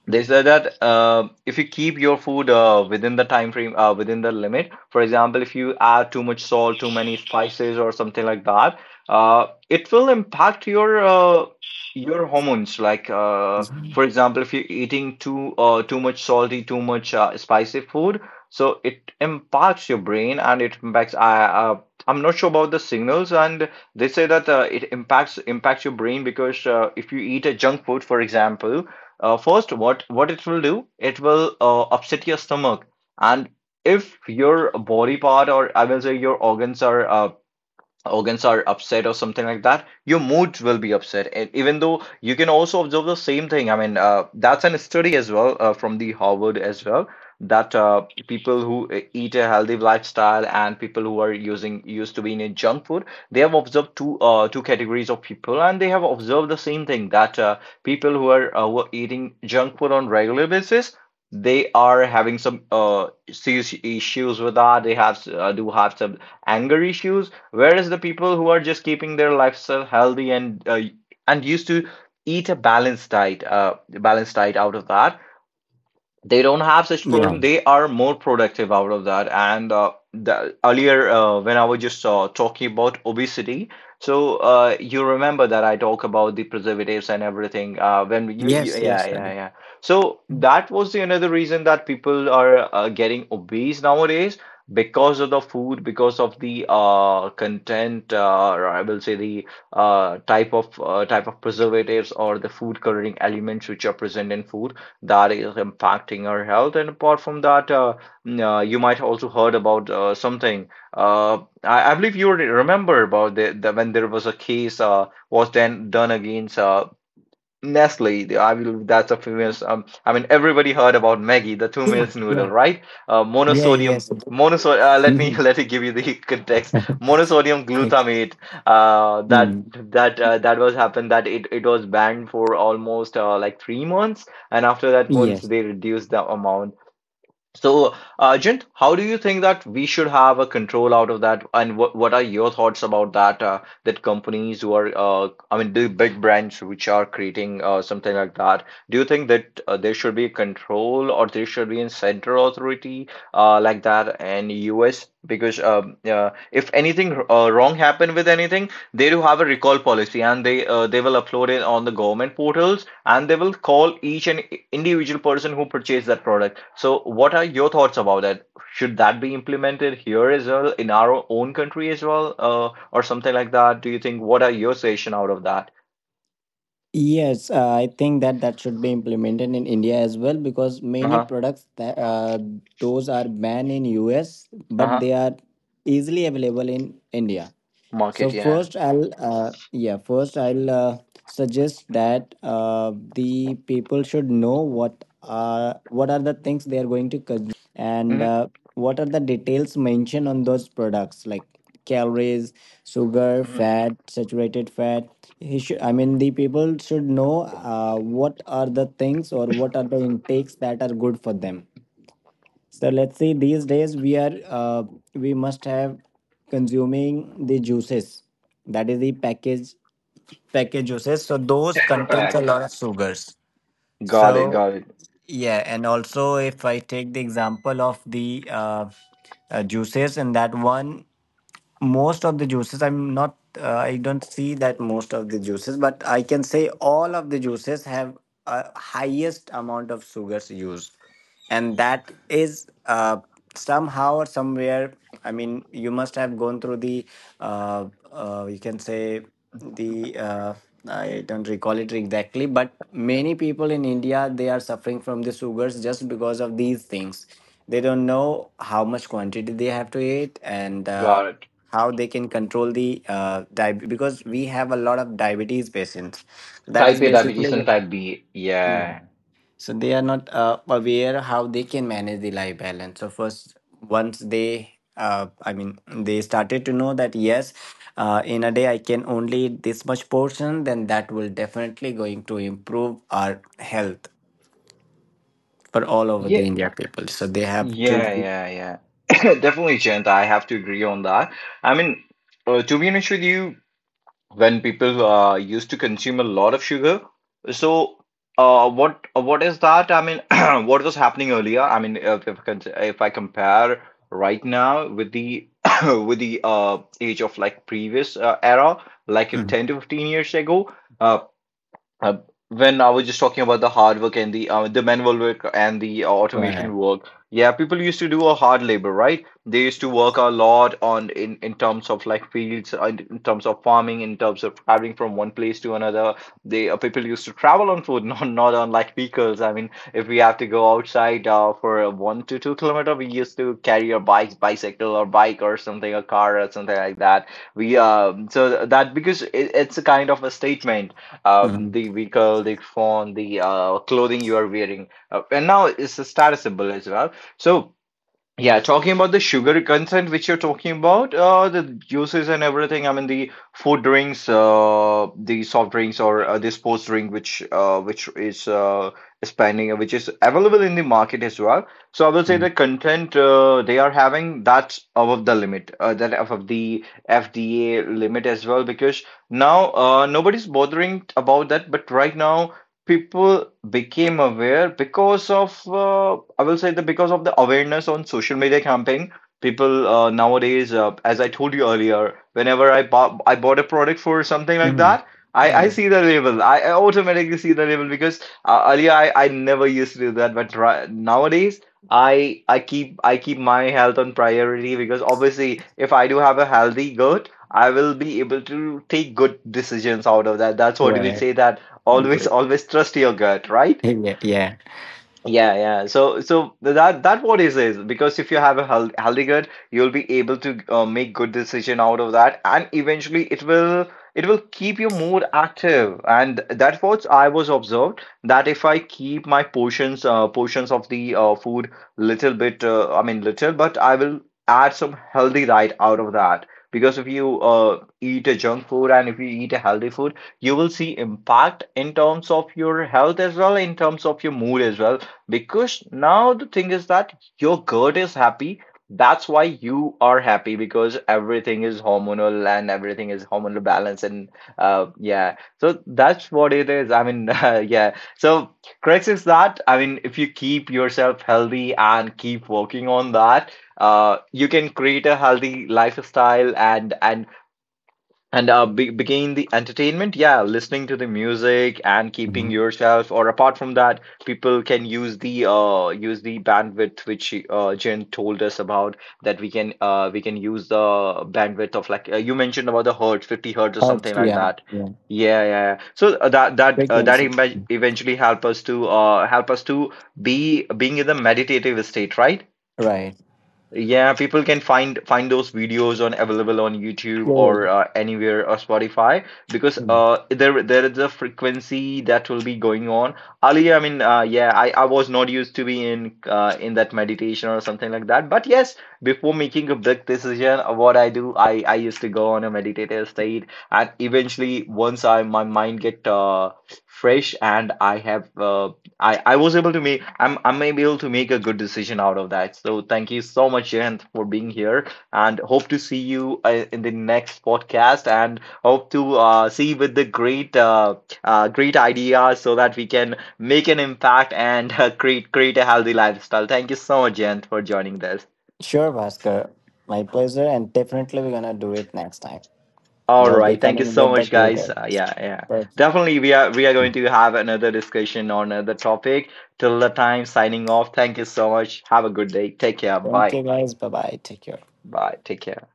[SPEAKER 1] they said that, if you keep your food, within the time frame, within the limit, for example, if you add too much salt, too many spices, or something like that, it will impact your hormones. Like, for
[SPEAKER 2] Mhm.
[SPEAKER 1] example, if you're eating too much salty, too much spicy food, so it impacts your brain and it impacts. I'm not sure about the signals, and they say that, it impacts your brain, because, if you eat a junk food, for example, first, what it will do? It will, upset your stomach, and if your body part, or I will say your organs are upset or something like that, your moods will be upset. And even though you can also observe the same thing, I mean, that's an study as well, from the Harvard as well, that, people who, eat a healthy lifestyle, and people who are using used to be in a junk food, they have observed two categories of people, and they have observed the same thing that, people who are who eating junk food on regular basis. They are having some, serious issues with that. They have do have some anger issues. Whereas the people who are just keeping their lifestyle healthy, and, used to eat a balanced diet out of that, they don't have such problem.
[SPEAKER 2] Yeah.
[SPEAKER 1] They are more productive out of that, and, the, earlier, when I was just, talking about obesity. So, you remember that I talk about the preservatives and everything, when you,
[SPEAKER 2] Yes.
[SPEAKER 1] yeah,
[SPEAKER 2] Yes. I
[SPEAKER 1] yeah,
[SPEAKER 2] do.
[SPEAKER 1] yeah. So that was the another reason that people are, getting obese nowadays, because of the food, because of the, content, or I will say the, type of preservatives, or the food coloring elements which are present in food, that is impacting our health. And apart from that, you might also heard about, something. Uh, I believe you remember about the when there was a case, was then done against, Nestle, I will, that's a famous. I mean, everybody heard about Maggie, the two
[SPEAKER 2] Yeah.
[SPEAKER 1] meals
[SPEAKER 2] Yeah.
[SPEAKER 1] noodle, right?
[SPEAKER 2] Yeah.
[SPEAKER 1] Monosodium,
[SPEAKER 2] Yes.
[SPEAKER 1] monosod. Let me
[SPEAKER 2] Mhm.
[SPEAKER 1] let me give you the context. Monosodium
[SPEAKER 2] Ex-
[SPEAKER 1] glutamate. Uh, that
[SPEAKER 2] mm.
[SPEAKER 1] that was happened. That It was banned for almost, like 3 months, and after that, once
[SPEAKER 2] Yes.
[SPEAKER 1] they reduced the amount. So, Jint, how do you think that we should have a control out of that? And what are your thoughts about that? That companies who are, I mean, the big brands which are creating, something like that, do you think that, there should be a control, or there should be a central authority, like that in US? Because, if anything, wrong happen with anything, they do have a recall policy, and they will upload it on the government portals, and they will call each and individual person who purchased that product. So, what are your thoughts about that? Should that be implemented here as well, in our own country as well, or something like that? Do you think, what are your suggestion out of that?
[SPEAKER 2] Yes, I think that that should be implemented in India as well, because
[SPEAKER 1] Uh
[SPEAKER 2] many
[SPEAKER 1] huh.
[SPEAKER 2] products that, those are banned in US,
[SPEAKER 1] Uh
[SPEAKER 2] but
[SPEAKER 1] huh.
[SPEAKER 2] they are easily available in India. So
[SPEAKER 1] Market, yeah.
[SPEAKER 2] first, I'll suggest that the people should know what are the things they are going to, and
[SPEAKER 1] Mm-hmm.
[SPEAKER 2] what are the details mentioned on those products, like calories, sugar,
[SPEAKER 1] Hmm.
[SPEAKER 2] fat, saturated fat. He should, I mean, the people should know what are the things or what are the intakes that are good for them, so let's see. These days we are, we must have consuming the juices. That is the packaged juices. So those
[SPEAKER 1] Tetra
[SPEAKER 2] contains
[SPEAKER 1] Pak.
[SPEAKER 2] a lot of sugars.
[SPEAKER 1] Got it.
[SPEAKER 2] So
[SPEAKER 1] Got it.
[SPEAKER 2] yeah, and also if I take the example of the juices, in that one, most of the juices I don't see that most of the juices, but I can say all of the juices have a highest amount of sugars used. And that is, somehow or somewhere, I mean, you must have gone through the uh, you can say the, I don't recall it exactly. But many people in India, they are suffering from the sugars, just because of these things. They don't know how much quantity they have to eat, and
[SPEAKER 1] Got it.
[SPEAKER 2] how they can control the diabetes, because we have a lot of diabetes patients, that is
[SPEAKER 1] Type A diabetes
[SPEAKER 2] basically
[SPEAKER 1] and type B.
[SPEAKER 2] yeah.
[SPEAKER 1] Yeah.
[SPEAKER 2] So they are not aware how they can manage the life balance. So first, once they I mean, they started to know that yes, in a day I can only eat this much portion, then that will definitely going to improve our health for all over
[SPEAKER 1] Yeah,
[SPEAKER 2] the India people, so they have to.
[SPEAKER 1] yeah, yeah, yeah. Definitely, Chint. I have to agree on that. I mean, to be honest with you, when people, used to consume a lot of sugar, so, what is that? I mean, what was happening earlier? I mean, if I compare right now with the with the, age of like previous, era, like
[SPEAKER 2] Mm.
[SPEAKER 1] 10 to 15 years ago. uh, uh, when I was just talking about the hard work and the manual work, and the
[SPEAKER 2] Right.
[SPEAKER 1] automation work, yeah, people used to do a hard labor, right? They used to work a lot on in terms of like fields, in terms of farming, in terms of traveling from one place to another. They People used to travel on foot, not on like vehicles. I mean, if we have to go outside for a 1 to 2 kilometer, we used to carry our bikes, bicycle or bike or something, a car or something like that. We so that because it's a kind of a statement,
[SPEAKER 2] Mhm.
[SPEAKER 1] the vehicle, the phone, the clothing you are wearing, and now it's a status symbol as well. So, yeah, talking about the sugar content which you're talking about, the juices and everything. I mean, the food drinks, the soft drinks, or the sports drink, which is expanding, which is available in the market as well. So I will say
[SPEAKER 2] Mhm.
[SPEAKER 1] the content they are having, that's above the limit, that above the FDA limit as well, because now nobody's bothering about that. But right now, people became aware because of, I will say, that because of the awareness on social media campaign. People, nowadays, as I told you earlier, whenever I bought a product for something like
[SPEAKER 2] Mhm.
[SPEAKER 1] that, I
[SPEAKER 2] Yeah.
[SPEAKER 1] see the label. I automatically see the label, because earlier I never used to do that. But nowadays I keep my health on priority, because obviously if I do have a healthy gut, I will be able to take good decisions out of that. That's what we
[SPEAKER 2] Right.
[SPEAKER 1] say, that always
[SPEAKER 2] Agree.
[SPEAKER 1] always trust your gut, right?
[SPEAKER 2] Yeah, yeah.
[SPEAKER 1] Yeah, yeah. So that what is because if you have a healthy gut, you'll be able to make good decision out of that, and eventually it will keep you more active. And that's what I was observed, that if I keep my portions, portions of the food little bit, I mean little, but I will add some healthy diet out of that, because if you eat a junk food and if you eat a healthy food, you will see impact in terms of your health as well, in terms of your mood as well, because now the thing is that your gut is happy. That's why you are happy, because everything is hormonal and everything is hormonal balance. So that's what it is. I mean, yeah. So, crux is that, I mean, if you keep yourself healthy and keep working on that, you can create a healthy lifestyle, and be begin the entertainment, yeah, listening to the music and keeping
[SPEAKER 2] Mhm.
[SPEAKER 1] yourself, or apart from that, people can use the bandwidth which Jen told us about, that we can use the bandwidth of, like, you mentioned about the hertz, 50 hertz or
[SPEAKER 2] Oh,
[SPEAKER 1] something like
[SPEAKER 2] yeah,
[SPEAKER 1] that.
[SPEAKER 2] yeah.
[SPEAKER 1] Yeah, yeah, yeah. So that that uh, that
[SPEAKER 2] Frequency.
[SPEAKER 1] ev- eventually help us to be being in the meditative state, right?
[SPEAKER 2] Right.
[SPEAKER 1] Yeah, people can find those videos on available on YouTube
[SPEAKER 2] Yeah, yeah.
[SPEAKER 1] or anywhere or Spotify, because
[SPEAKER 2] Mm.
[SPEAKER 1] there is a frequency that will be going on. Ali, I mean, yeah, I was not used to be in, in that meditation or something like that. But yes, before making a big decision, what I do, I used to go on a meditative state, and eventually once I my mind get fresh, and I'm able to make a good decision out of that. So thank you so much, Jayant, for being here, and hope to see you in the next podcast, and hope to see you with the great great ideas, so that we can make an impact and create a healthy lifestyle. Thank you so much, Jayant, for joining this.
[SPEAKER 2] Sure, Bhaskar. My pleasure, and definitely we're gonna do it next time.
[SPEAKER 1] All
[SPEAKER 2] We'll be
[SPEAKER 1] right, thank you
[SPEAKER 2] coming
[SPEAKER 1] so
[SPEAKER 2] with the
[SPEAKER 1] much, guys.
[SPEAKER 2] greatest.
[SPEAKER 1] Yeah, yeah,
[SPEAKER 2] Perfect.
[SPEAKER 1] definitely we are going to have another discussion on another topic. Till the time, signing off. Thank you so much. Have a good day. Take care.
[SPEAKER 2] Thank
[SPEAKER 1] Bye.
[SPEAKER 2] you, guys. Bye bye. Take care.
[SPEAKER 1] Bye. Take care.